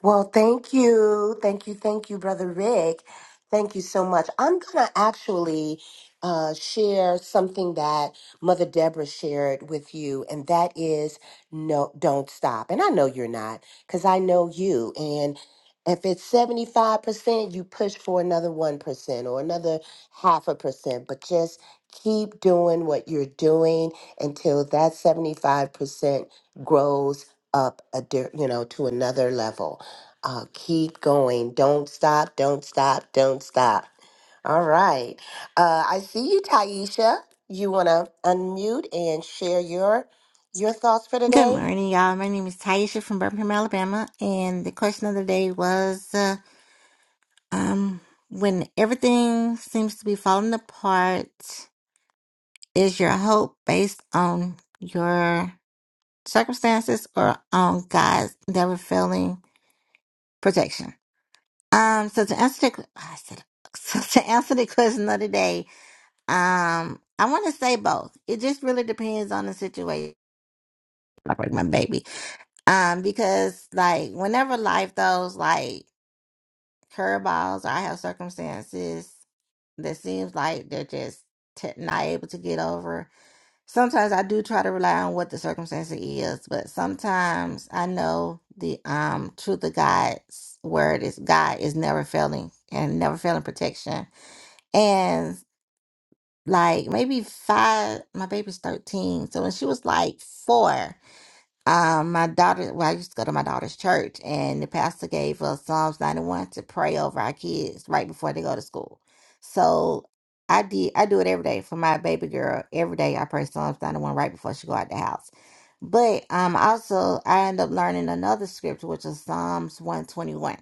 Speaker 3: Well, thank you. Thank you. Thank you, Brother Rick. Thank you so much. I'm going to actually uh, share something that Mother Deborah shared with you, and that is no, don't stop. And I know you're not, because I know you. And if it's 75%, you push for another 1% or another half a percent, but just keep doing what you're doing until that 75% grows up a di- you know to another level uh, keep going. Don't stop. Don't stop. Don't stop. All right. Uh, I see you, Taisha. You want to unmute and share your your thoughts for
Speaker 9: Good
Speaker 3: today?
Speaker 9: morning, y'all. My name is Taisha from Birmingham, Alabama, and the question of the day was uh, um, when everything seems to be falling apart, is your hope based on your circumstances or on God's never failing protection? Um, so to answer the I said (laughs) so to answer the question of the day, um, I want to say both. It just really depends on the situation. Like like my baby, um, because like whenever life throws like curveballs or I have circumstances that seems like they're just t- not able to get over. Sometimes I do try to rely on what the circumstance is, but sometimes I know the um truth of God's word is God is never failing and never failing protection. And like maybe five, my baby's 13. So when she was like four, um, my daughter, well, I used to go to my daughter's church, and the pastor gave us Psalms 91 to pray over our kids right before they go to school. So I did, I do it every day for my baby girl. Every day I pray Psalms 91 right before she go out the house. But um, also I end up learning another scripture, which is Psalms 121.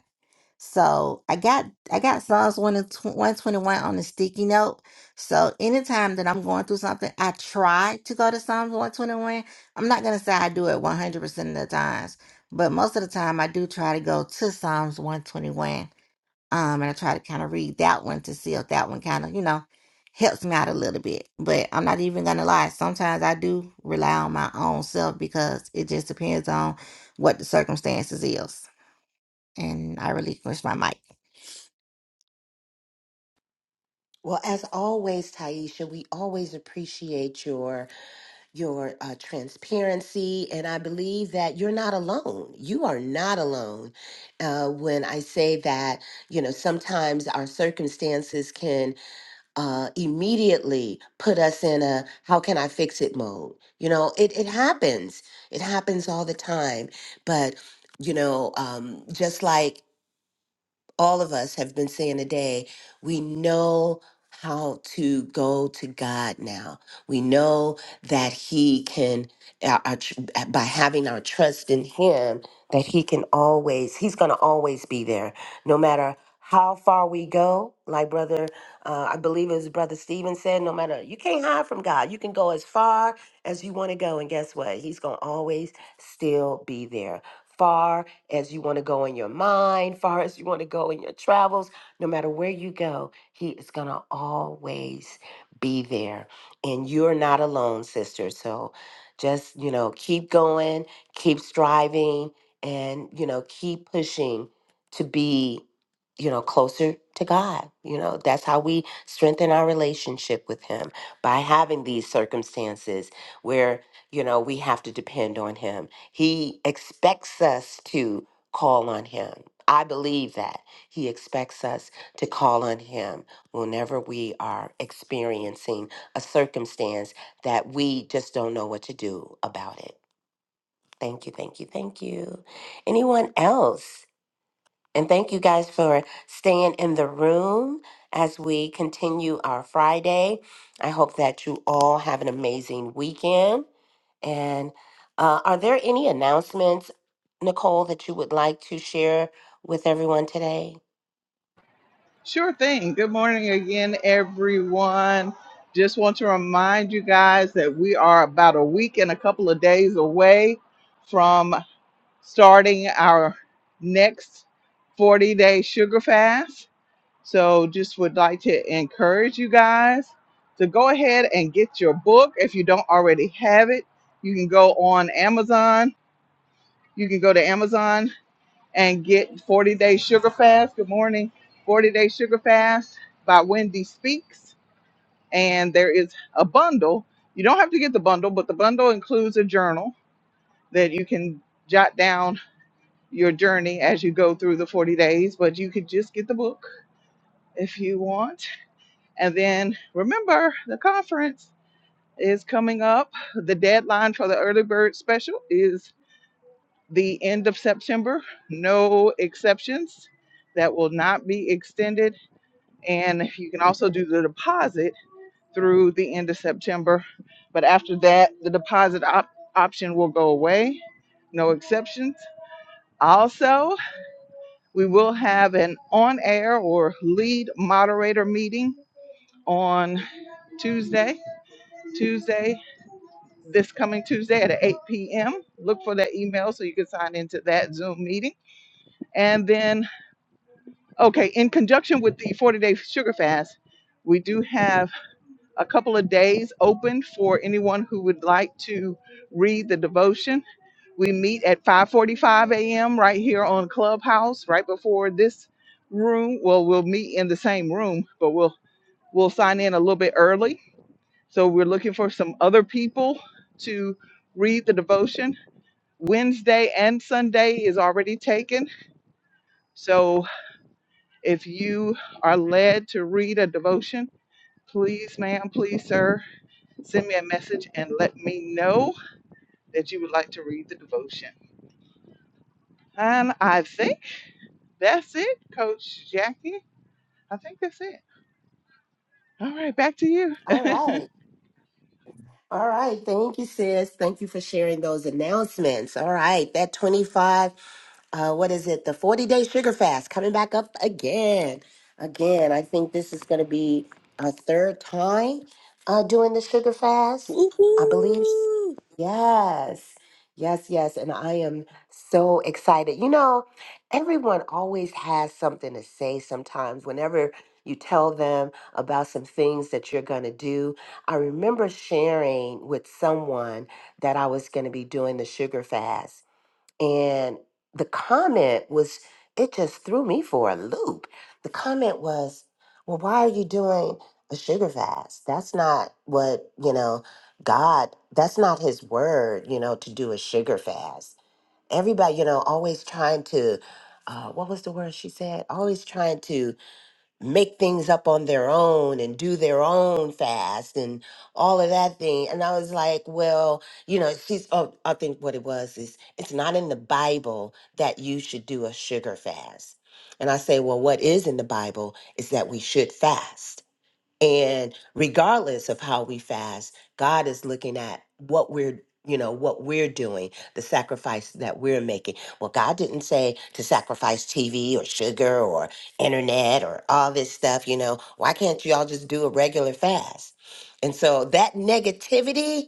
Speaker 9: So I got I got Psalms one and one twenty one twenty-one on the sticky note. So anytime that I'm going through something, I try to go to Psalms one twenty one. I'm not gonna say I do it one hundred percent of the times, but most of the time I do try to go to Psalms one twenty one. Um, and I try to kind of read that one to see if that one kind of you know helps me out a little bit. But I'm not even gonna lie. Sometimes I do rely on my own self because it just depends on what the circumstances is. And I relinquish my mic.
Speaker 3: Well, as always, Taisha, we always appreciate your your uh, transparency, and I believe that you're not alone. You are not alone. Uh, when I say that, you know, sometimes our circumstances can uh, immediately put us in a how can I fix it mode. You know, it, it happens. It happens all the time. But, you know, um, just like all of us have been saying today, we know how to go to God now. We know that He can, our, our tr- uh, by having our trust in Him, that He can always, He's going to always be there, no matter how far we go. Like Brother, uh, I believe it was Brother Stephen said, no matter, you can't hide from God. You can go as far as you want to go. And guess what? He's going to always still be there. Far as you want to go in your mind, far as you want to go in your travels, no matter where you go, He is going to always be there. And you're not alone, sister. So just, you know, keep going, keep striving, and, you know, keep pushing to be, you know, closer to God. You know, that's how we strengthen our relationship with Him by having these circumstances where, you know, we have to depend on Him he expects us to call on him. I believe that. He expects us to call on him whenever we are experiencing a circumstance that we just don't know what to do about it. Thank you, thank you, thank you. Anyone else? And thank you guys for staying in the room as we continue our Friday. I hope that you all have an amazing weekend. And uh, are there any announcements, Nicole, that you would like to share with everyone today?
Speaker 1: Sure thing. Good morning again, everyone. Just want to remind you guys that we are about a week and a couple of days away from starting our next 40 day sugar fast. So, just would like to encourage you guys to go ahead and get your book. If you don't already have it, you can go on Amazon. You can go to Amazon and get 40 Day Sugar Fast. Good morning. 40 Day Sugar Fast by Wendy Speaks. And there is a bundle. You don't have to get the bundle, but the bundle includes a journal that you can jot down your journey as you go through the 40 days. But you could just get the book if you want. And then remember, the conference is coming up. The deadline for the early bird special is the end of September. No exceptions that will not be extended And you can also do the deposit through the end of September. But after that, the deposit op- option will go away, no exceptions. Also, we will have an on air or lead moderator meeting on Tuesday, Tuesday, this coming Tuesday at 8 p.m. Look for that email so you can sign into that Zoom meeting. And then, okay, in conjunction with the 40 day sugar fast, we do have. a couple of days open for anyone who would like to read the devotion. We meet at 5:45 a.m. right here on Clubhouse, right before this room. Well, we'll meet in the same room, but we'll we'll sign in a little bit early. So we're looking for some other people to read the devotion. Wednesday and Sunday is already taken. So if you are led to read a devotion, please, ma'am, please, sir, Send me a message and let me know that you would like to read the devotion. And I think that's it, Coach Jackie. I think that's it. All right, back to you. (laughs)
Speaker 3: All right. All right. Thank you, sis. Thank you for sharing those announcements. All right. That 25 uh, what is it? The 40 day sugar fast coming back up again. Again, I think this is going to be a third time uh, doing the sugar fast. I believe.
Speaker 7: Woo-hoo.
Speaker 3: Yes. Yes, yes. And I am so excited. You know, everyone always has something to say sometimes whenever you tell them about some things that you're going to do. I remember sharing with someone that I was going to be doing the sugar fast and the comment was, it just threw me for a loop. The comment was, well, why are you doing a sugar fast? That's not what, you know, God, that's not his word, you know, to do a sugar fast. Everybody, you know, always trying to, uh, what was the word she said? Always trying to make things up on their own and do their own fast and all of that thing. And I was like, well, you know, she's, oh, I think what it was is it's not in the Bible that you should do a sugar fast. And I say, well, what is in the Bible is that we should fast and regardless of how we fast, God is looking at what we're you know what we're doing the sacrifice that we're making well god didn't say to sacrifice tv or sugar or internet or all this stuff you know why can't y'all just do a regular fast and so that negativity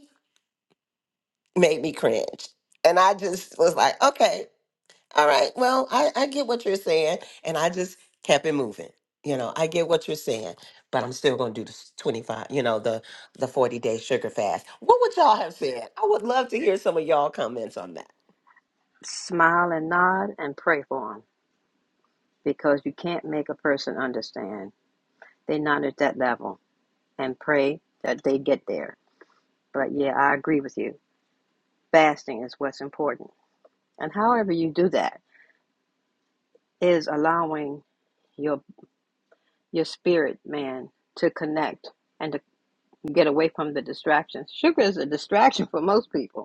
Speaker 3: made me cringe and i just was like okay all right. Well, I, I get what you're saying, and I just kept it moving. You know, I get what you're saying, but I'm still going to do the s- 25, you know, the the 40 day sugar fast. What would y'all have said? I would love to hear some of y'all comments on that.
Speaker 2: Smile and nod and pray for them because you can't make a person understand. They're not at that level and pray that they get there. But yeah, I agree with you. Fasting is what's important. And however you do that is allowing your your spirit man to connect and to get away from the distractions. Sugar is a distraction for most people.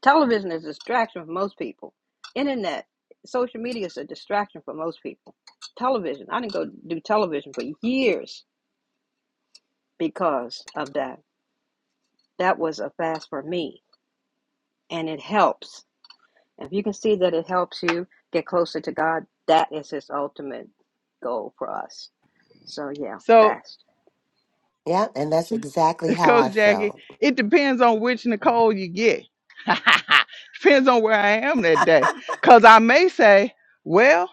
Speaker 2: Television is a distraction for most people. Internet, social media is a distraction for most people. Television, I didn't go do television for years because of that. That was a fast for me, and it helps. If you can see that it helps you get closer to God, that is His ultimate goal for us. So yeah,
Speaker 1: So,
Speaker 2: fast.
Speaker 3: Yeah, and that's exactly how I
Speaker 1: Coach Jackie,
Speaker 3: felt.
Speaker 1: it depends on which Nicole you get. (laughs) depends on where I am that day. Because I may say, well,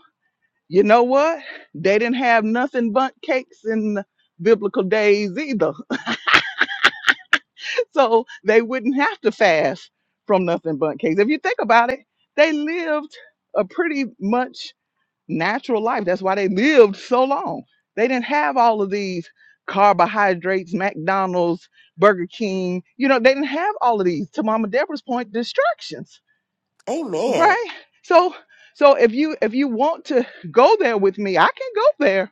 Speaker 1: you know what? They didn't have nothing but cakes in the biblical days either. so they wouldn't have to fast from nothing but cakes. If you think about it, they lived a pretty much natural life. That's why they lived so long. They didn't have all of these carbohydrates, McDonald's, Burger King. You know, they didn't have all of these. To Mama Deborah's point, distractions,
Speaker 3: Amen.
Speaker 1: right? So, so if you if you want to go there with me, I can go there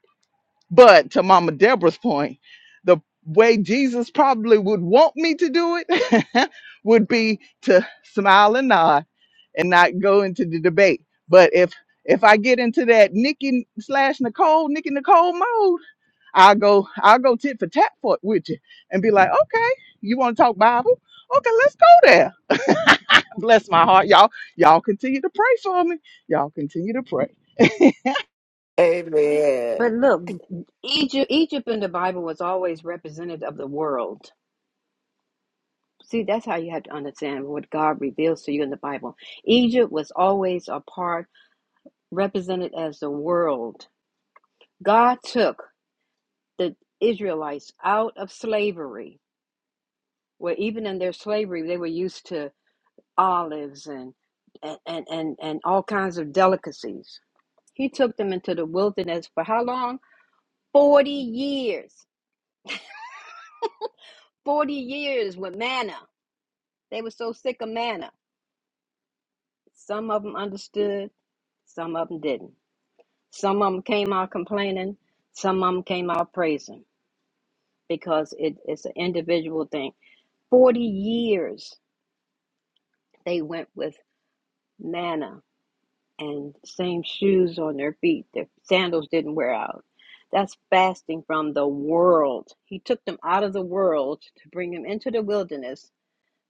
Speaker 1: but to Mama Deborah's point, the way Jesus probably would want me to do it (laughs) would be to smile and nod and not go into the debate. But if if I get into that Nikki slash Nicole, Nikki Nicole mode, I'll go I'll go tit for tat for it with you and be like, okay, you want to talk Bible? Okay, let's go there. (laughs) Bless my heart, y'all. Y'all continue to pray for me. Y'all continue to pray. (laughs)
Speaker 3: Amen.
Speaker 2: But look, Egypt, Egypt in the Bible was always represented of the world See, that's how you have to understand what God reveals to you in the Bible. Egypt was always a part represented as the world. God took the Israelites out of slavery, where even in their slavery, they were used to olives and and, and, and, and all kinds of delicacies. He took them into the wilderness for how long? 40 years. 40 years with manna. They were so sick of manna. Some of them understood, some of them didn't. Some of them came out complaining, some of them came out praising because it, it's an individual thing. 40 years they went with manna and same shoes on their feet. Their sandals didn't wear out. That's fasting from the world. He took them out of the world to bring them into the wilderness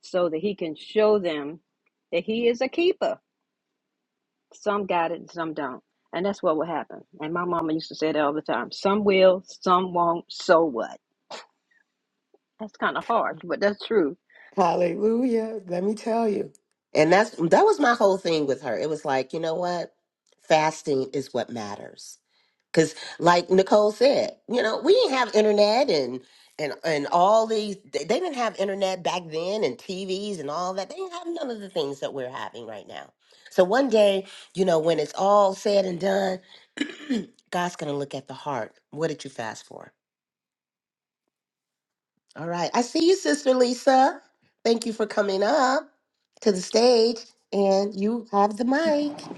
Speaker 2: so that he can show them that he is a keeper. Some got it and some don't. And that's what will happen. And my mama used to say that all the time. Some will, some won't, so what? That's kind of harsh, but that's true.
Speaker 3: Hallelujah. Let me tell you. And that's that was my whole thing with her. It was like, you know what? Fasting is what matters. Cause like Nicole said, you know, we didn't have internet and and and all these they they didn't have internet back then and TVs and all that. They didn't have none of the things that we're having right now. So one day, you know, when it's all said and done, (clears throat) God's gonna look at the heart. What did you fast for? All right. I see you, sister Lisa. Thank you for coming up to the stage and you have the mic.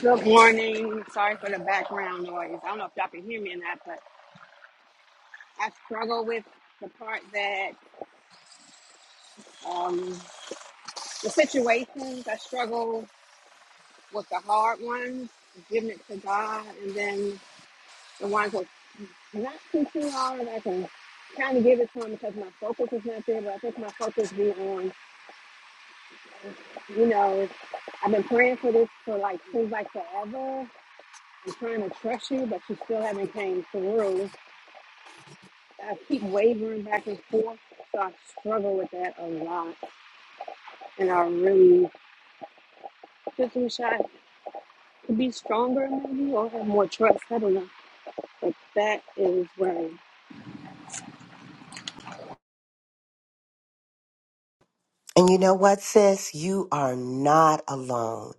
Speaker 10: Good morning. Sorry for the background noise. I don't know if y'all can hear me or not, but I struggle with the part that um, the situations I struggle with the hard ones, giving it to God, and then the ones that not too too hard, I can kind of give it to Him because my focus is not there. But I think my focus be on, you know, I've been praying for this for like seems like forever. I'm trying to trust you, but you still haven't came through. I keep wavering back and forth, so I struggle with that a lot. And I really just wish I could be stronger, maybe, or have more trust. I don't know. But that is where.
Speaker 3: And you know what, sis? You are not alone.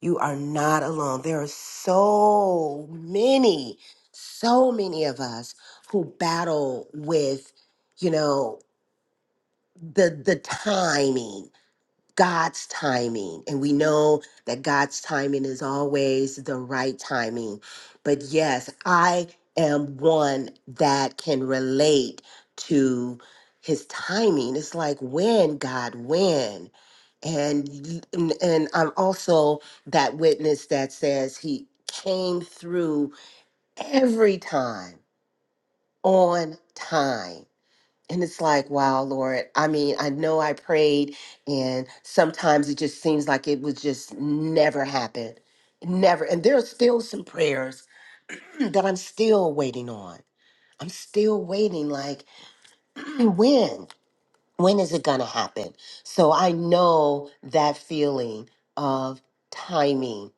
Speaker 3: You are not alone. There are so many, so many of us who battle with, you know, the the timing. God's timing. And we know that God's timing is always the right timing. But yes, I am one that can relate to his timing. It's like when, God, when? And y- and, and I'm also that witness that says he came through every time on time. And it's like, wow, Lord. I mean, I know I prayed, and sometimes it just seems like it would just never happen. Never. And there are still some prayers (clears throat) that I'm still waiting on. I'm still waiting, like, (clears throat) when? When is it going to happen? So I know that feeling of timing,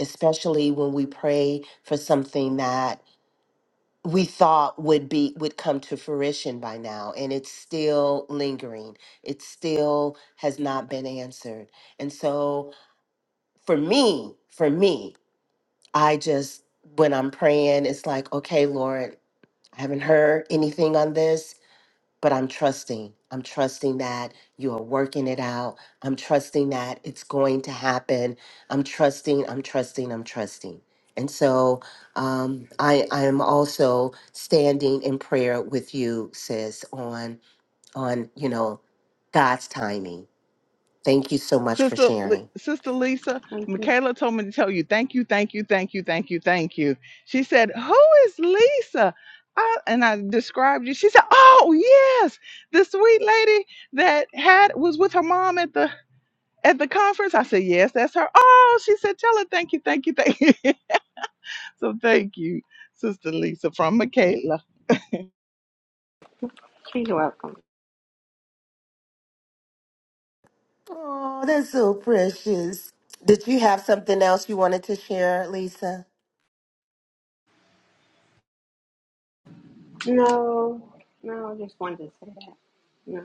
Speaker 3: especially when we pray for something that we thought would be would come to fruition by now and it's still lingering it still has not been answered and so for me for me i just when i'm praying it's like okay lord i haven't heard anything on this but I'm trusting. I'm trusting that you are working it out. I'm trusting that it's going to happen. I'm trusting, I'm trusting, I'm trusting. And so um, I, I am also standing in prayer with you, sis, on on you know God's timing. Thank you so much for
Speaker 1: Sister, Li-
Speaker 3: sharing.
Speaker 1: Sister Lisa,
Speaker 10: Thank you.
Speaker 1: Michaela told me to tell you thank you, thank you, thank you, thank you, thank you. She said, Who is Lisa? I, and I described you. She said, Oh yes, the sweet lady that had was with her mom at the at the conference. I said, Yes, that's her. Oh, she said, Tell her thank you, thank you, thank you. (laughs) so thank you, Sister Lisa from Michaela.
Speaker 10: You're welcome.
Speaker 3: Oh, that's so precious. Did you have something else you wanted to share, Lisa?
Speaker 10: No, no, I just wanted to say that. No.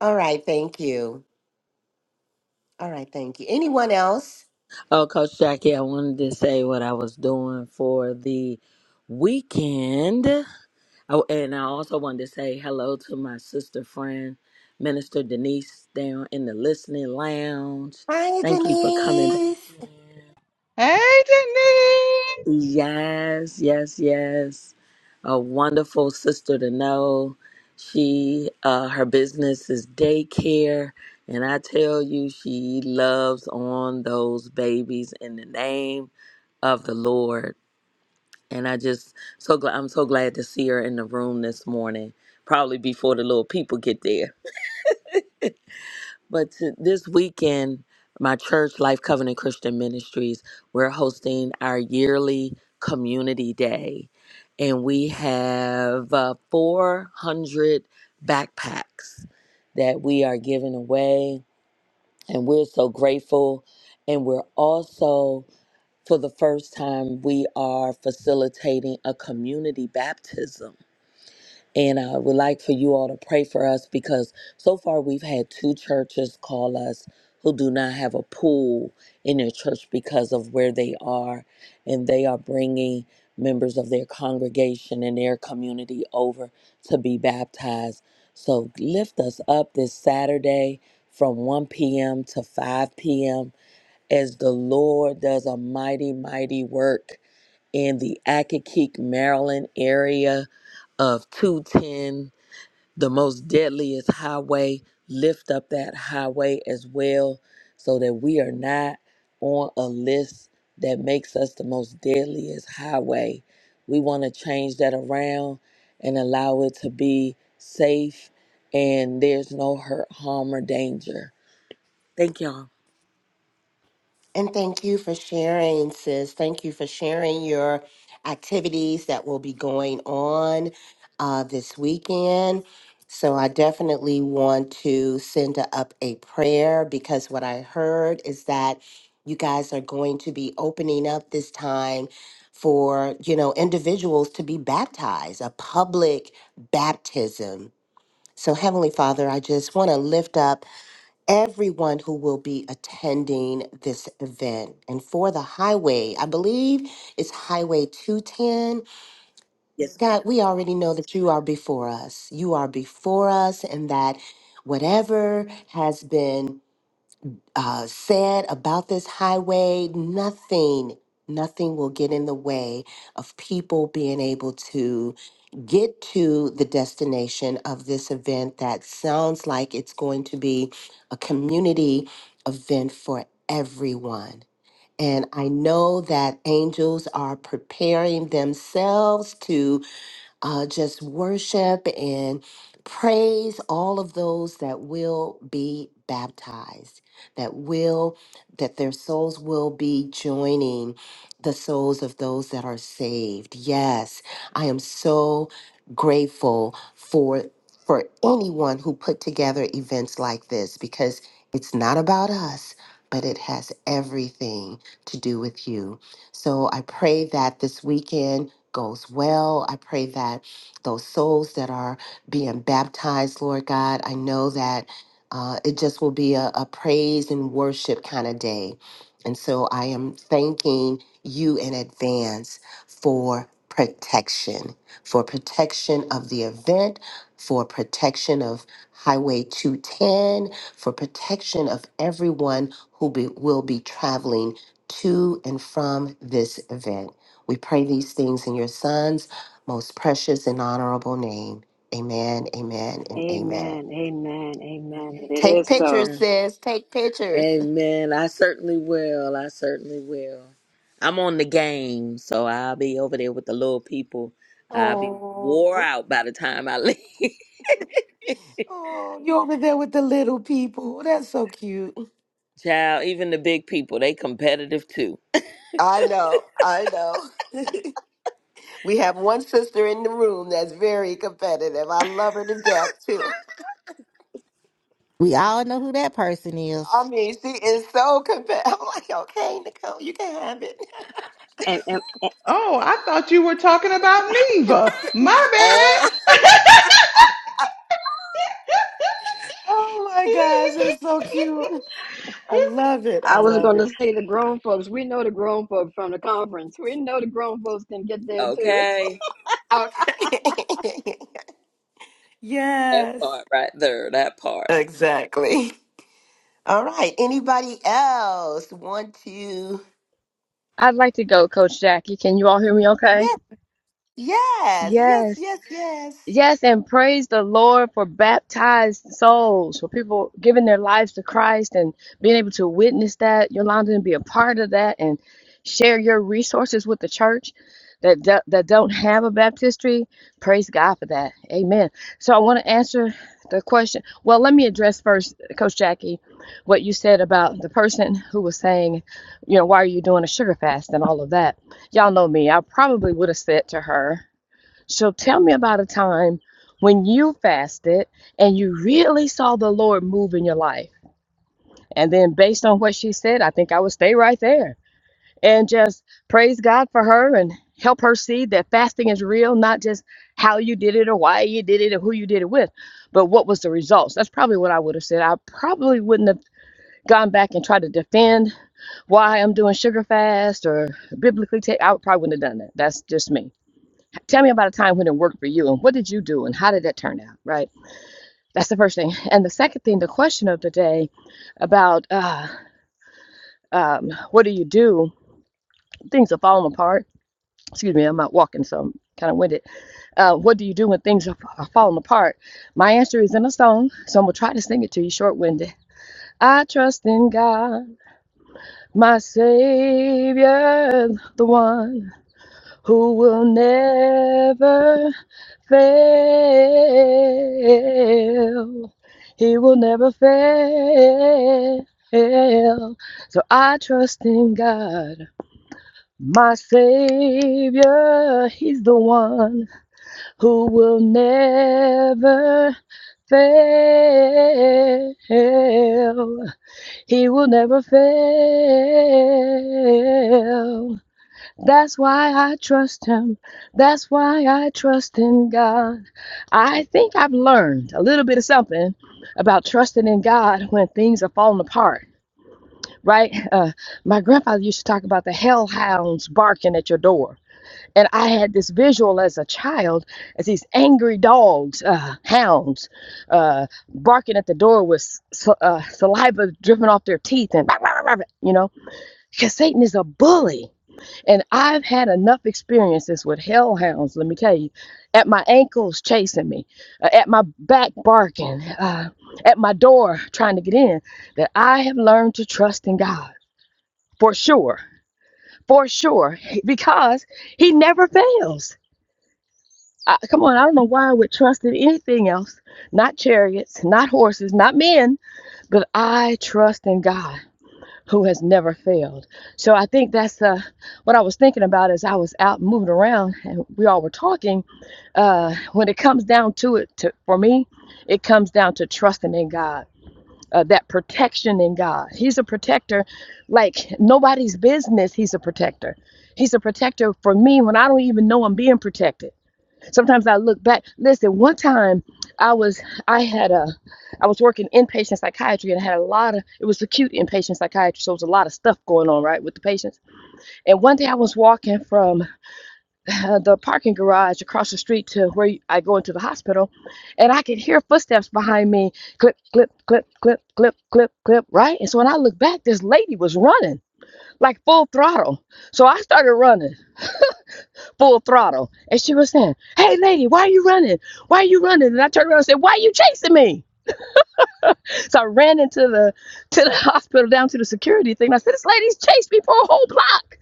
Speaker 3: All right, thank you. All right, thank you. Anyone else?
Speaker 7: Oh, Coach Jackie, I wanted to say what I was doing for the weekend. Oh, and I also wanted to say hello to my sister friend, Minister Denise, down in the listening lounge.
Speaker 3: Hi,
Speaker 7: Thank you for coming
Speaker 3: Denise.
Speaker 1: Hey Denise.
Speaker 7: Yes, yes, yes. A wonderful sister to know. She uh her business is daycare and I tell you she loves on those babies in the name of the Lord. And I just so glad I'm so glad to see her in the room this morning. Probably before the little people get there. But to, this weekend, my church, Life Covenant Christian Ministries, we're hosting our yearly community day. And we have uh, 400 backpacks that we are giving away. And we're so grateful. And we're also, for the first time, we are facilitating a community baptism and I would like for you all to pray for us because so far we've had two churches call us who do not have a pool in their church because of where they are. And they are bringing members of their congregation and their community over to be baptized. So lift us up this Saturday from 1 p.m. to 5 p.m. as the Lord does a mighty, mighty work in the Akakeek, Maryland area of 210, the most deadliest highway. Lift up that highway as well so that we are not on a list that makes us the most deadliest highway. We want to change that around and allow it to be safe and there's no hurt, harm, or danger. Thank y'all.
Speaker 3: And thank you for sharing, sis. Thank you for sharing your activities that will be going on uh, this weekend. So, I definitely want to send up a prayer because what I heard is that you guys are going to be opening up this time for, you know, individuals to be baptized, a public baptism. So, Heavenly Father, I just want to lift up everyone who will be attending this event. And for the highway, I believe it's Highway 210.
Speaker 7: Yes,
Speaker 3: God, we already know that you are before us. You are before us, and that whatever has been uh, said about this highway, nothing, nothing will get in the way of people being able to get to the destination of this event that sounds like it's going to be a community event for everyone. And I know that angels are preparing themselves uh, just worship and praise all of those that will be baptized that will that their souls will be joining the souls of those that are saved yes i am so grateful for for anyone who put together events like this because it's not about us but it has everything to do with you so i pray that this weekend goes well. I pray that those souls that are being baptized, Lord God, I know that uh, it just will be a, a praise and worship kind of day. And so I am thanking you in advance for protection, for protection of the event, for protection of Highway 210, for protection of everyone who be, will be traveling to and from this event. We pray these things in your Son's most precious and honorable name. Amen, amen, and amen.
Speaker 2: Amen. Amen. Amen. And It
Speaker 3: Take
Speaker 2: is
Speaker 7: ma'am.
Speaker 2: so.
Speaker 3: pictures, sis. Take pictures.
Speaker 7: Amen. I certainly will. I certainly will. I'm on the game, so I'll be over there with the little people. I'll be wore
Speaker 3: Oh,
Speaker 7: out by the time I leave. (laughs)
Speaker 3: oh, you're over there with the little people. That's so cute.
Speaker 7: Child, even the big people, they competitive too.
Speaker 3: I know, I know. (laughs) we have one sister in the room that's very competitive. I love her to death, too.
Speaker 9: We all know who that person is.
Speaker 3: I mean, she is so competitive. (laughs) I'm like, okay, Nicole, you can have it. (laughs)
Speaker 2: And, and, and
Speaker 1: Oh, I thought you were talking about Neva. My
Speaker 7: Oh,
Speaker 1: bad. (laughs)
Speaker 3: Oh my gosh, it's so cute. I love it. I
Speaker 2: I was
Speaker 3: love
Speaker 2: going
Speaker 3: it.
Speaker 2: to say the grown folks, we know the grown folks from the conference. We know the grown folks can get
Speaker 7: (laughs)
Speaker 2: there too.
Speaker 7: okay.
Speaker 3: Okay. (laughs)
Speaker 7: That
Speaker 3: Yes.
Speaker 7: part right there, that part.
Speaker 3: Exactly. All right. Anybody else want to?
Speaker 11: I'd like to go, Coach Jackie. Can you all hear me okay?
Speaker 3: Yes, yes, yes,
Speaker 11: Yes.
Speaker 3: yes, yes.
Speaker 11: Yes, and praise the Lord for baptized souls, for people giving their lives to Christ and being able to witness that, Yolanda, and be a part of that and share your resources with the church that do- that don't have a baptistry. Praise God for that. Amen. So I want to answer the question. Well, let me address first, Coach Jackie, what you said about the person who was saying, you know, why are you doing a sugar fast and all of that. Y'all know me. I probably would have said to her. So tell me about a time when you fasted and you really saw the Lord move in your life. And then, based on what she said, I think I would stay right there and just praise God for her and help her see that fasting is real, not just how you did it or why you did it or who you did it with, but what was the results. That's probably what I would have said. I probably wouldn't have gone back and tried to defend why I'm doing sugar fast or biblically take. I probably wouldn't have done that. That's just me. Tell me about a time when it worked for you and what did you do and how did that turn out, right? That's the first thing. And the second thing, the question of the day about uh, um, what do you do? Things are falling apart. Excuse me, I'm not walking, so I'm kind of winded. Uh, what do you do when things are, are falling apart? My answer is in a song, so I'm going to try to sing it to you short winded. I trust in God, my Savior, the one who will never fail. He will never fail. So I trust in God, my Savior. He's the one who will never fail. He will never fail. That's why I trust him. That's why I trust in God. I think I've learned a little bit of something about trusting in God when things are falling apart, right? Uh, my grandfather used to talk about the hellhounds barking at your door. And I had this visual as a child as these angry dogs, uh, hounds, uh, barking at the door with s- uh, saliva dripping off their teeth and, you know, because Satan is a bully. And I've had enough experiences with hellhounds, let me tell you, at my ankles chasing me, uh, at my back barking, uh, at my door trying to get in, that I have learned to trust in God for sure, for sure, (laughs) because He never fails. I, come on, I don't know why I would trust in anything else, not chariots, not horses, not men, but I trust in God. who has never failed. So I think that's uh, what I was thinking about as I was out moving around and we all were talking. Uh, when it comes down to it, to, for me, it comes down to trusting in God, uh, that protection in God. He's a protector like nobody's business. He's a protector. He's a protector for me when I don't even know I'm being protected sometimes I look back. Listen, one time I was I had a I was working inpatient psychiatry and I had a lot of it was acute inpatient psychiatry, so it was a lot of stuff going on, right, with the patients. And one day I was walking from (laughs) uh, the parking garage across the street to where I go into the hospital, and I could hear footsteps behind me, clip, clip, clip, clip, clip, clip, clip, right. And so when I looked back, this lady was running like full throttle. So I started running full throttle. And she was saying, Hey lady, why are you running? Why are you running? And I turned around and said, Why are you chasing me? So I ran into the to the hospital down to the security thing. I said, This lady's chased me for a whole block.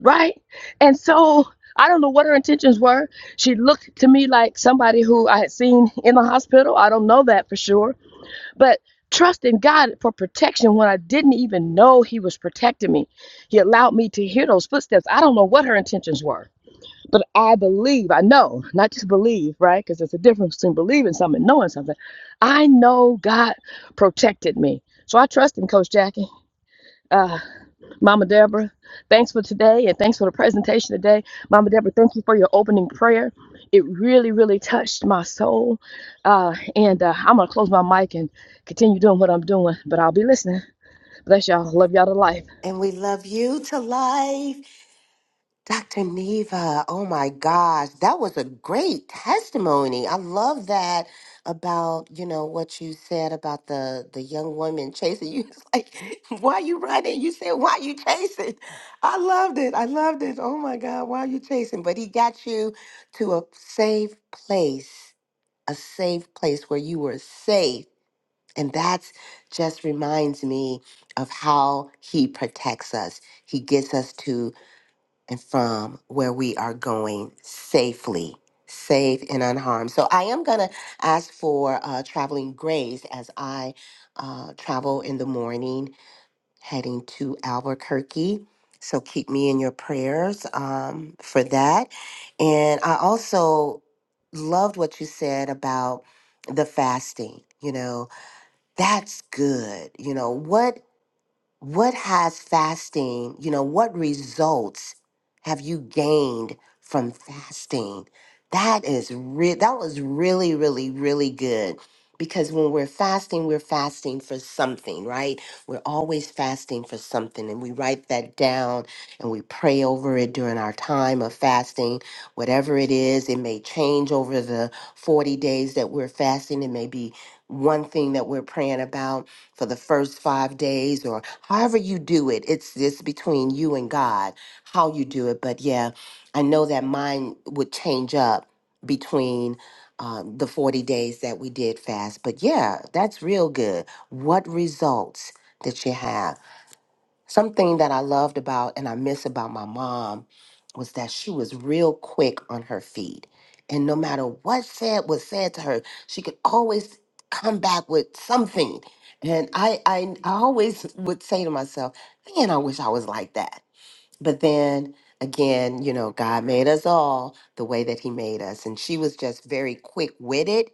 Speaker 11: Right? And so I don't know what her intentions were. She looked to me like somebody who I had seen in the hospital. I don't know that for sure. But trusting God for protection when I didn't even know He was protecting me. He allowed me to hear those footsteps. I don't know what her intentions were but I believe, I know, not just believe, right? Because there's a difference between believing something and knowing something. I know God protected me. So I trust in Coach Jackie. Uh, Mama Deborah, thanks for today and thanks for the presentation today. Mama Deborah, thank you for your opening prayer. It really, really touched my soul. Uh, and uh, I'm going to close my mic and continue doing what I'm doing, but I'll be listening. Bless y'all. Love y'all to life.
Speaker 3: And we love you to life. Dr. Neva, oh my gosh, that was a great testimony. I love that about, you know, what you said about the the young woman chasing you. (laughs) It's like, why you running? You said, why you chasing? I loved it. I loved it. Oh my God, why you chasing? But he got you to a safe place, a safe place where you were safe. And that's just reminds me of how he protects us. He gets us to and from where we are going safely, safe and unharmed. So I am going to ask for uh, traveling grace as I uh, travel in the morning heading to Albuquerque. So keep me in your prayers um, for that. And I also loved what you said about the fasting. You know, that's good. You know, what what has fasting, you know, what results have you gained from fasting? That is re- that was really really really good because when we're fasting, we're fasting for something, right? We're always fasting for something and we write that down and we pray over it during our time of fasting. Whatever it is, it may change over the 40 days that we're fasting, it may be one thing that we're praying about for the first five days or however you do it. It's it's between you and God how you do it. But yeah, I know that mine would change up between um, the 40 days that we did fast. But yeah, that's real good. What results did you have? Something that I loved about and I miss about my mom was that she was real quick on her feet. And no matter what said was said to her, she could always come back with something. And I I, I always would say to myself, man, I wish I was like that but then again, you know, God made us all the way that He made us. And she was just very quick witted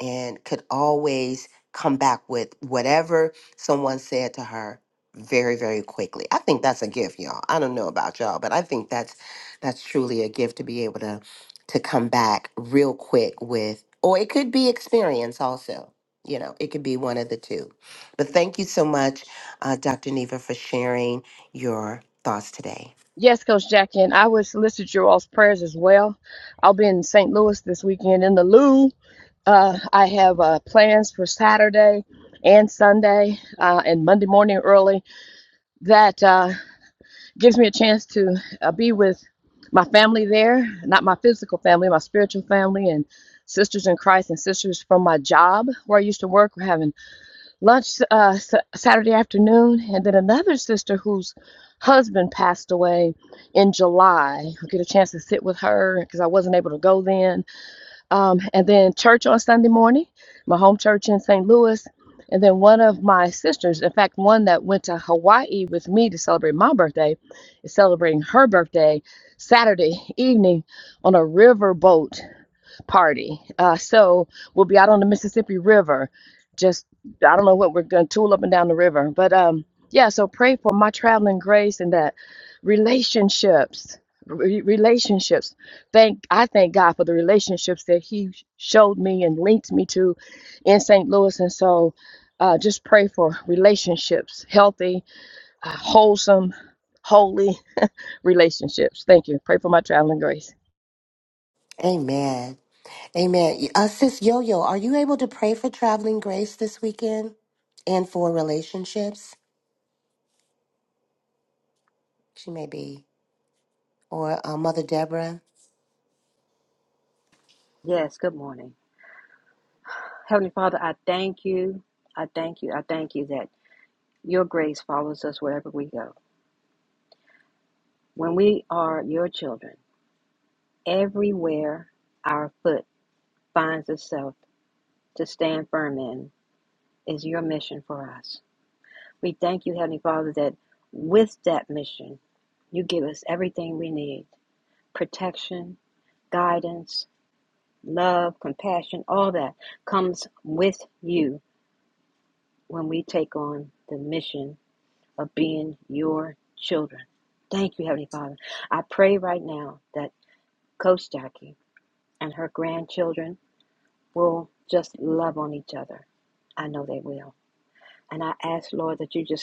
Speaker 3: and could always come back with whatever someone said to her very very quickly. I think that's a gift, y'all. I don't know about y'all, but I think that's that's truly a gift to be able to to come back real quick with or it could be experience also. You know, it could be one of the two. But thank you so much, uh, Dr. Neva, for sharing your thoughts today.
Speaker 11: Yes, Coach Jackie, and I would solicit your all's prayers as well. I'll be in St. Louis this weekend in the Lou. Uh, I have uh, plans for Saturday and Sunday uh, and Monday morning early. That uh, gives me a chance to uh, be with my family there, not my physical family, my spiritual family, and sisters in Christ and sisters from my job where I used to work. We're having lunch uh, s- Saturday afternoon, and then another sister whose husband passed away in July. I get a chance to sit with her because I wasn't able to go then. Um, and then church on Sunday morning, my home church in St. Louis. And then one of my sisters, in fact, one that went to Hawaii with me to celebrate my birthday, is celebrating her birthday Saturday evening on a river boat party. Uh, so we'll be out on the Mississippi River. Just I don't know what we're going to tool up and down the river, but um, yeah. So pray for my traveling grace and that relationships, re- relationships. Thank I thank God for the relationships that He showed me and linked me to in St. Louis, and so. Uh, just pray for relationships, healthy, uh, wholesome, holy relationships. Thank you. Pray for my traveling grace.
Speaker 3: Amen. Amen. Uh, Sis Yo Yo, are you able to pray for traveling grace this weekend and for relationships? She may be. Or uh, Mother Deborah?
Speaker 2: Yes, good morning. Heavenly Father, I thank you. I thank you. I thank you that your grace follows us wherever we go. When we are your children, everywhere our foot finds itself to stand firm in is your mission for us. We thank you, Heavenly Father, that with that mission, you give us everything we need protection, guidance, love, compassion, all that comes with you when we take on the mission of being your children. Thank you, Heavenly Father. I pray right now that Coach Jackie and her grandchildren will just love on each other. I know they will. And I ask, Lord, that you just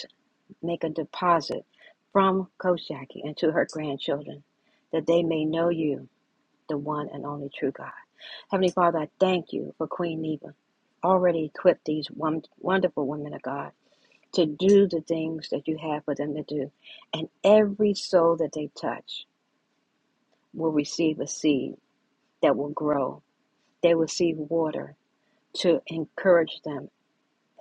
Speaker 2: make a deposit from Coach Jackie and to her grandchildren that they may know you, the one and only true God. Heavenly Father, I thank you for Queen Neva. Already equipped these wonderful women of God to do the things that you have for them to do. And every soul that they touch will receive a seed that will grow. They will receive water to encourage them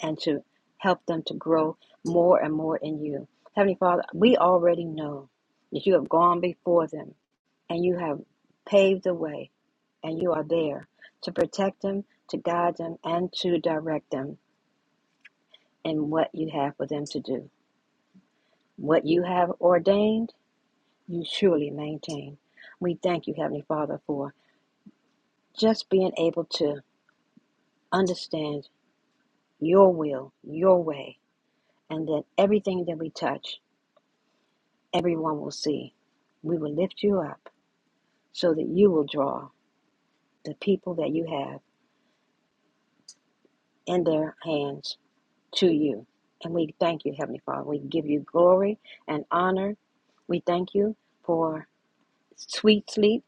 Speaker 2: and to help them to grow more and more in you. Heavenly Father, we already know that you have gone before them and you have paved the way and you are there to protect them, to guide them, and to direct them in what you have for them to do. What you have ordained, you surely maintain. We thank you, Heavenly Father, for just being able to understand your will, your way, and that everything that we touch everyone will see. We will lift you up so that you will draw the people that you have in their hands to you. And we thank you, Heavenly Father. We give you glory and honor. We thank you for sweet sleep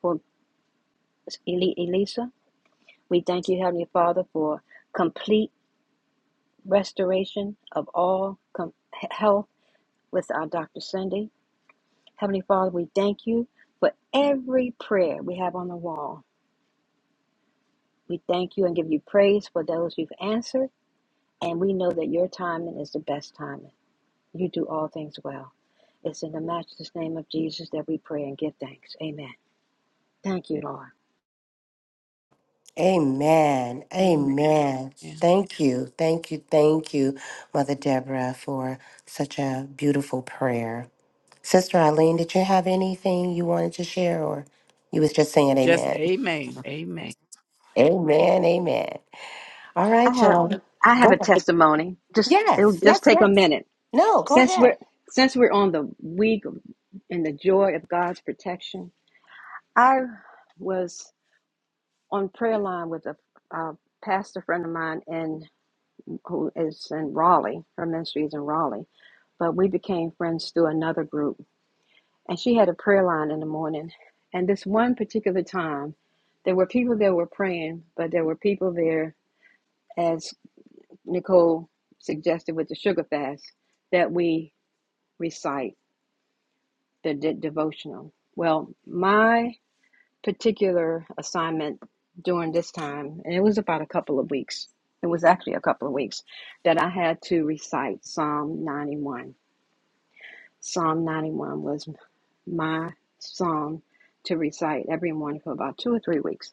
Speaker 2: for Eli- Elisa. We thank you, Heavenly Father, for complete restoration of all com- health with our Dr. Cindy. Heavenly Father, we thank you for every prayer we have on the wall. We thank you and give you praise for those you've answered, and we know that your timing is the best timing. You do all things well. It's in the matchless name of Jesus that we pray and give thanks. Amen. Thank you, Lord.
Speaker 3: Amen.
Speaker 4: Amen.
Speaker 3: Amen. Thank you. Thank you. Thank you, Mother Deborah, for such a beautiful prayer. Sister Eileen, did you have anything you wanted to share or you was just saying
Speaker 4: Just
Speaker 3: amen?
Speaker 4: amen. Amen.
Speaker 3: Amen. Amen. All
Speaker 2: I
Speaker 3: right,
Speaker 2: have
Speaker 3: y'all.
Speaker 2: I have
Speaker 3: Go
Speaker 2: a
Speaker 3: ahead.
Speaker 2: testimony. Just it'll
Speaker 3: Yes.
Speaker 2: just
Speaker 3: Yes.
Speaker 2: take a
Speaker 3: Yes.
Speaker 2: minute.
Speaker 3: No, go
Speaker 2: Since
Speaker 3: ahead.
Speaker 2: we're since we're on the week in the joy of God's protection, I was on prayer line with a, a pastor friend of mine in who is in Raleigh. Her ministry is in Raleigh. But we became friends through another group. And she had a prayer line in the morning. And this one particular time, there were people that were praying, but there were people there, as Nicole suggested with the sugar fast, that we recite the de- devotional. Well, my particular assignment during this time, and it was about a couple of weeks, it was actually a couple of weeks, that I had to recite Psalm 91. Psalm 91 was my psalm to recite every morning for about two or three weeks.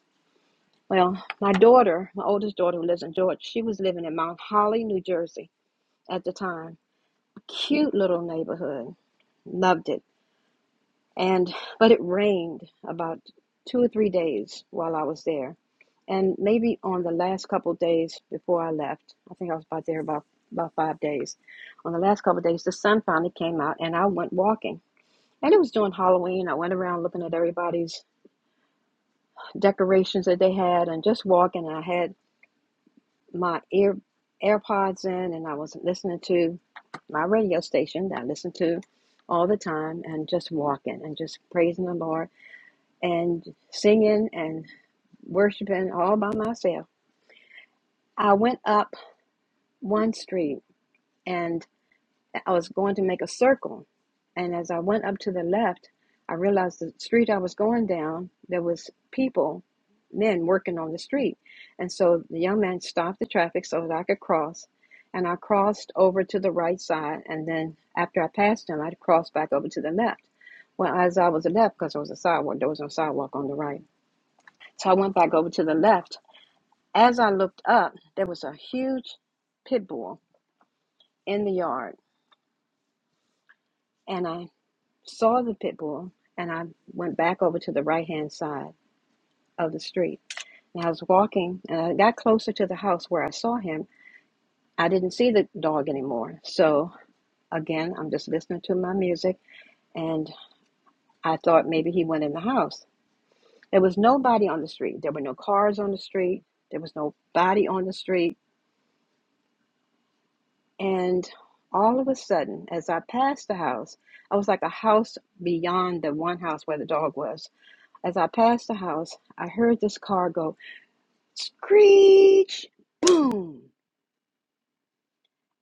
Speaker 2: Well, my daughter, my oldest daughter who lives in Georgia, she was living in Mount Holly, New Jersey at the time. Cute little neighborhood. Loved it. And but it rained about two or three days while I was there. And maybe on the last couple of days before I left, I think I was about there about about five days. On the last couple of days, the sun finally came out, and I went walking And it was during Halloween. I went around looking at everybody's decorations that they had and just walking. And I had my ear AirPods in and I was listening to my radio station that I listened to all the time and just walking and just praising the Lord and singing and worshiping all by myself. I went up one street and. I was going to make a circle. And as I went up to the left, I realized the street I was going down, there was people, men working on the street. And so the young man stopped the traffic so that I could cross. And I crossed over to the right side. And then after I passed him, I crossed back over to the left. Well, as I was left, because there was a sidewalk, there was no sidewalk on the right. So I went back over to the left. As I looked up, there was a huge pit bull in the yard. and I. saw the pit bull, and I went back over to the right hand side of the street. And I was walking, and I got closer to the house where I saw him. I didn't see the dog anymore. So again, I'm just listening to my music, and I thought maybe he went in the house. There was nobody on the street. There were no cars on the street. There was nobody on the street. And all of a sudden, as I passed the house, I was like a house beyond the one house where the dog was. As I passed the house, I heard this car go Screech! Boom!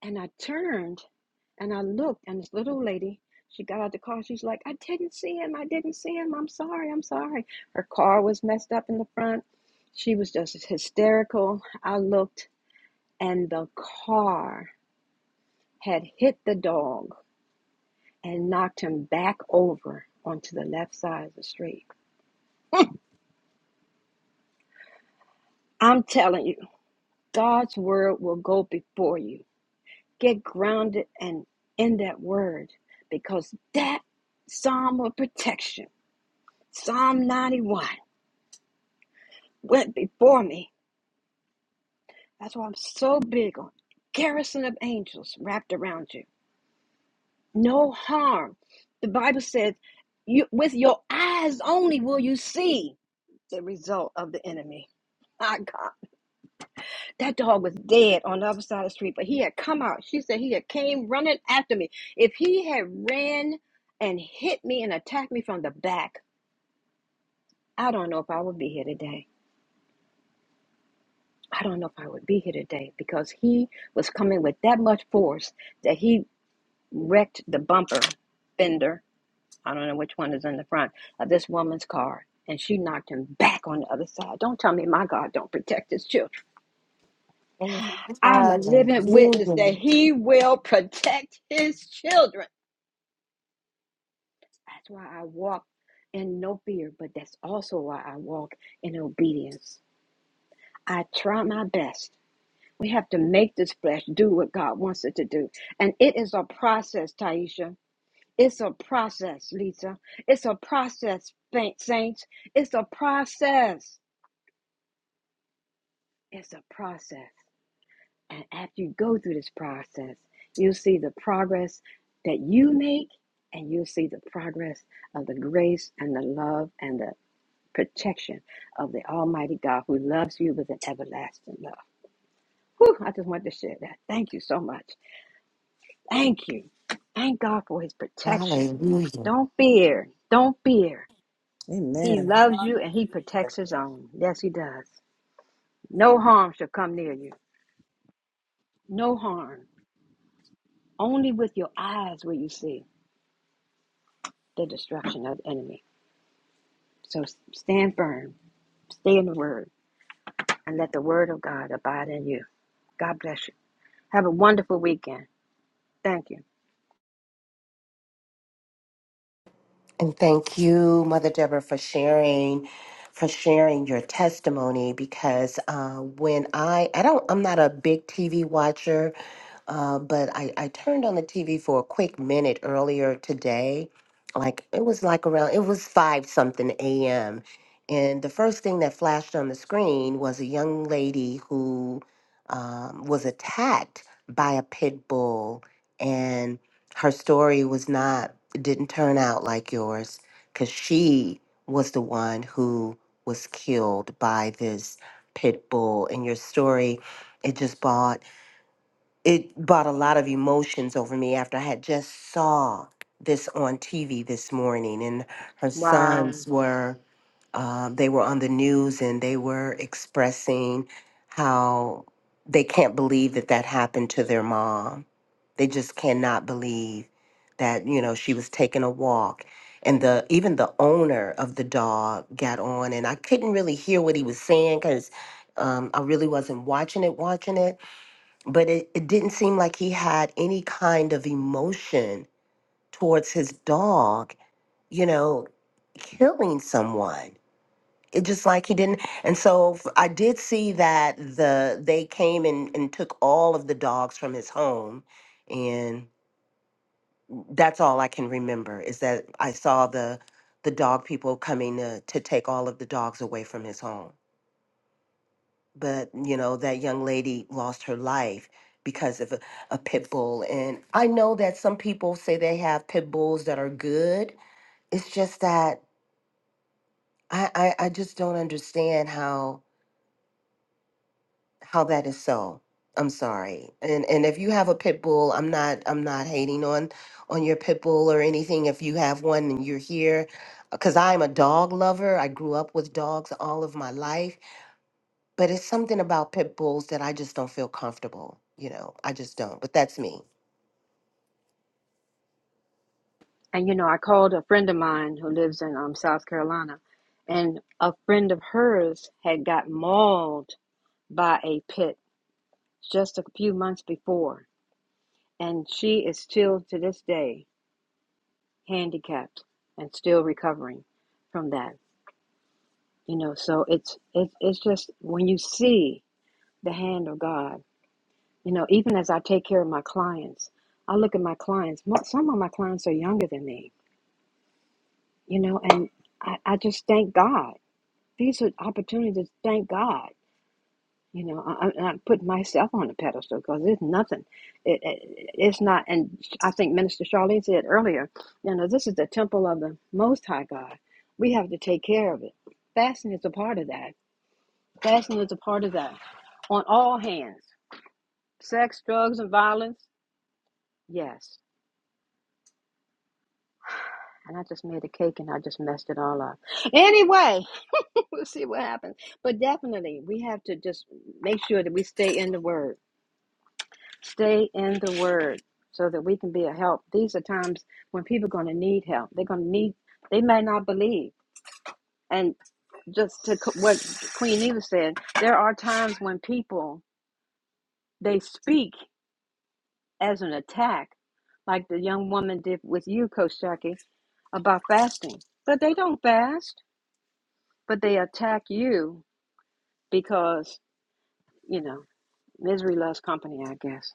Speaker 2: And I turned and I looked, and this little old lady, she got out of the car. She's like, I didn't see him. I didn't see him. I'm sorry. I'm sorry. Her car was messed up in the front. She was just hysterical. I looked, and the car had hit the dog and knocked him back over onto the left side of the street. I'm telling you, God's word will go before you. Get grounded and in that word because that psalm of protection, Psalm 91, went before me. That's why I'm so big on garrison of angels wrapped around you. No harm. The Bible says, you, with your eyes only will you see the result of the enemy. My God. That dog was dead on the other side of the street, but he had come out. She said he had came running after me. If he had ran and hit me and attacked me from the back, I don't know if I would be here today. I don't know if I would be here today because he was coming with that much force that he wrecked the bumper fender. I don't know which one is in the front of this woman's car. And she knocked him back on the other side. Don't tell me my God don't protect his children. I'm a living
Speaker 3: Hallelujah.
Speaker 2: witness that he will protect his children. That's why I walk in no fear, but that's also why I walk in obedience. I try my best. We have to make this flesh do what God wants it to do. And it is a process, Taisha. It's a process, Lisa. It's a process, fa- saints. It's a process. It's a process. And after you go through this process, you'll see the progress that you make and you'll see the progress of the grace and the love and the protection of the Almighty God who loves you with an everlasting love. Whew, I just wanted to share that. Thank you so much. Thank you. Thank God for his protection.
Speaker 3: Hallelujah.
Speaker 2: Don't fear. Don't fear. He
Speaker 7: Amen.
Speaker 2: loves you and he protects his own. Yes, he does. No harm shall come near you. No harm. Only with your eyes will you see the destruction of the enemy. So stand firm, stay in the word, and let the word of God abide in you. God bless you. Have a wonderful weekend. Thank you.
Speaker 3: And thank you, Mother Deborah, for sharing, for sharing your testimony because uh, when I, I don't, I'm not a big TV watcher. Uh, but I, I turned on the TV for a quick minute earlier today. Like it was like around, it was five something a.m. And the first thing that flashed on the screen was a young lady who um, was attacked by a pit bull. And her story was not, didn't turn out like yours because she was the one who was killed by this pit bull. And your story, it just brought it brought a lot of emotions over me after I had just saw this on TV this morning, and her
Speaker 2: Wow.
Speaker 3: sons were uh, they were on the news and they were expressing how they can't believe that that happened to their mom. They just cannot believe that you know she was taking a walk, and the even the owner of the dog got on, and I couldn't really hear what he was saying because um, I really wasn't watching it, watching it but it, it didn't seem like he had any kind of emotion towards his dog, you know, killing someone. It just like he didn't. And so f- I did see that the they came and, and took all of the dogs from his home and that's all I can remember is that I saw the the dog people coming to, to take all of the dogs away from his home. but you know that young lady lost her life because of a, a pit bull and i know that some people say they have pit bulls that are good it's just that i i, I just don't understand how how that is so i'm sorry and and if you have a pit bull i'm not i'm not hating on on your pit bull or anything if you have one and you're here because i'm a dog lover i grew up with dogs all of my life But it's something about pit bulls that I just don't feel comfortable. You know, I just don't. But that's me.
Speaker 2: And you know, I called a friend of mine who lives in um, South Carolina, and a friend of hers had got mauled by a pit just a few months before. And she is still to this day handicapped and still recovering from that. You know, so it's it's it's just when you see the hand of God, you know, even as I take care of my clients, I look at my clients, mo- some of my clients are younger than me, you know, and I, I just thank God These are opportunities. Thank God. You know, I, I'm not putting myself on a pedestal because there's nothing. It, it, it's not. And I think Minister Charlene said earlier, you know, this is the temple of the Most High God. We have to take care of it. Fasting is a part of that. Fasting is a part of that on all hands sex, drugs, and violence. Yes. And I just made a cake and I just messed it all up. Anyway, (laughs) we'll see what happens. But definitely, we have to just make sure that we stay in the Word Stay in the word so that we can be a help. These are times when people are going to need help. They're going to need, they may not believe. And just to co- what Queen Eva said, there are times when people, they speak as an attack, like the young woman did with you, Coach Jackie, about fasting. But they don't fast, but they attack you because, you know, misery loves company, I guess.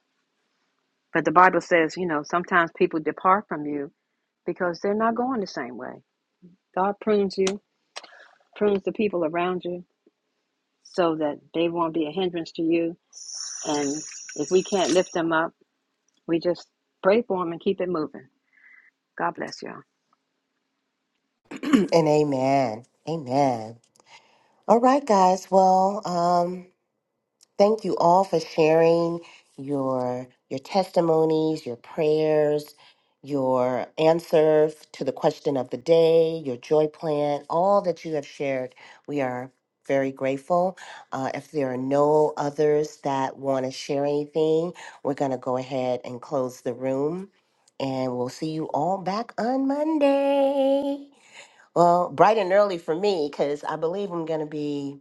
Speaker 2: But the Bible says, you know, sometimes people depart from you because they're not going the same way. God prunes you, prunes the people around you so that they won't be a hindrance to you. And if we can't lift them up, we just pray for them and keep it moving. God bless y'all.
Speaker 3: (clears throat) and amen. Amen. All right, guys. Well, um, Thank you all for sharing your your testimonies, your prayers, your answers to the question of the day, your joy plan, all that you have shared. We are very grateful. Uh, if there are no others that want to share anything, we're going to go ahead and close the room. And we'll see you all back on Monday. Well, bright and early for me, because I believe I'm going to be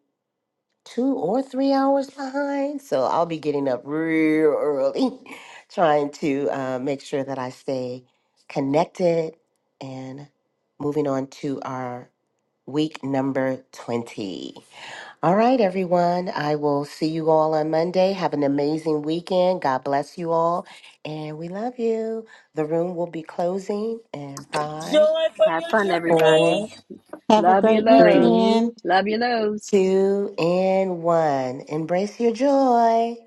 Speaker 3: two or three hours behind. So I'll be getting up real early, (laughs) trying to uh, make sure that I stay connected and moving on to our week number 20. All right, everyone. I will see you all on Monday. Have an amazing weekend. God bless you all. And we love you. The room will be closing in five,
Speaker 7: Joy from
Speaker 2: Have
Speaker 7: your
Speaker 2: fun, everybody.
Speaker 3: four,
Speaker 7: journey.
Speaker 9: Have a
Speaker 2: Love your
Speaker 9: great
Speaker 2: love.
Speaker 3: three,
Speaker 9: weekend.
Speaker 2: Love your loves.
Speaker 3: two, and one. Embrace your joy.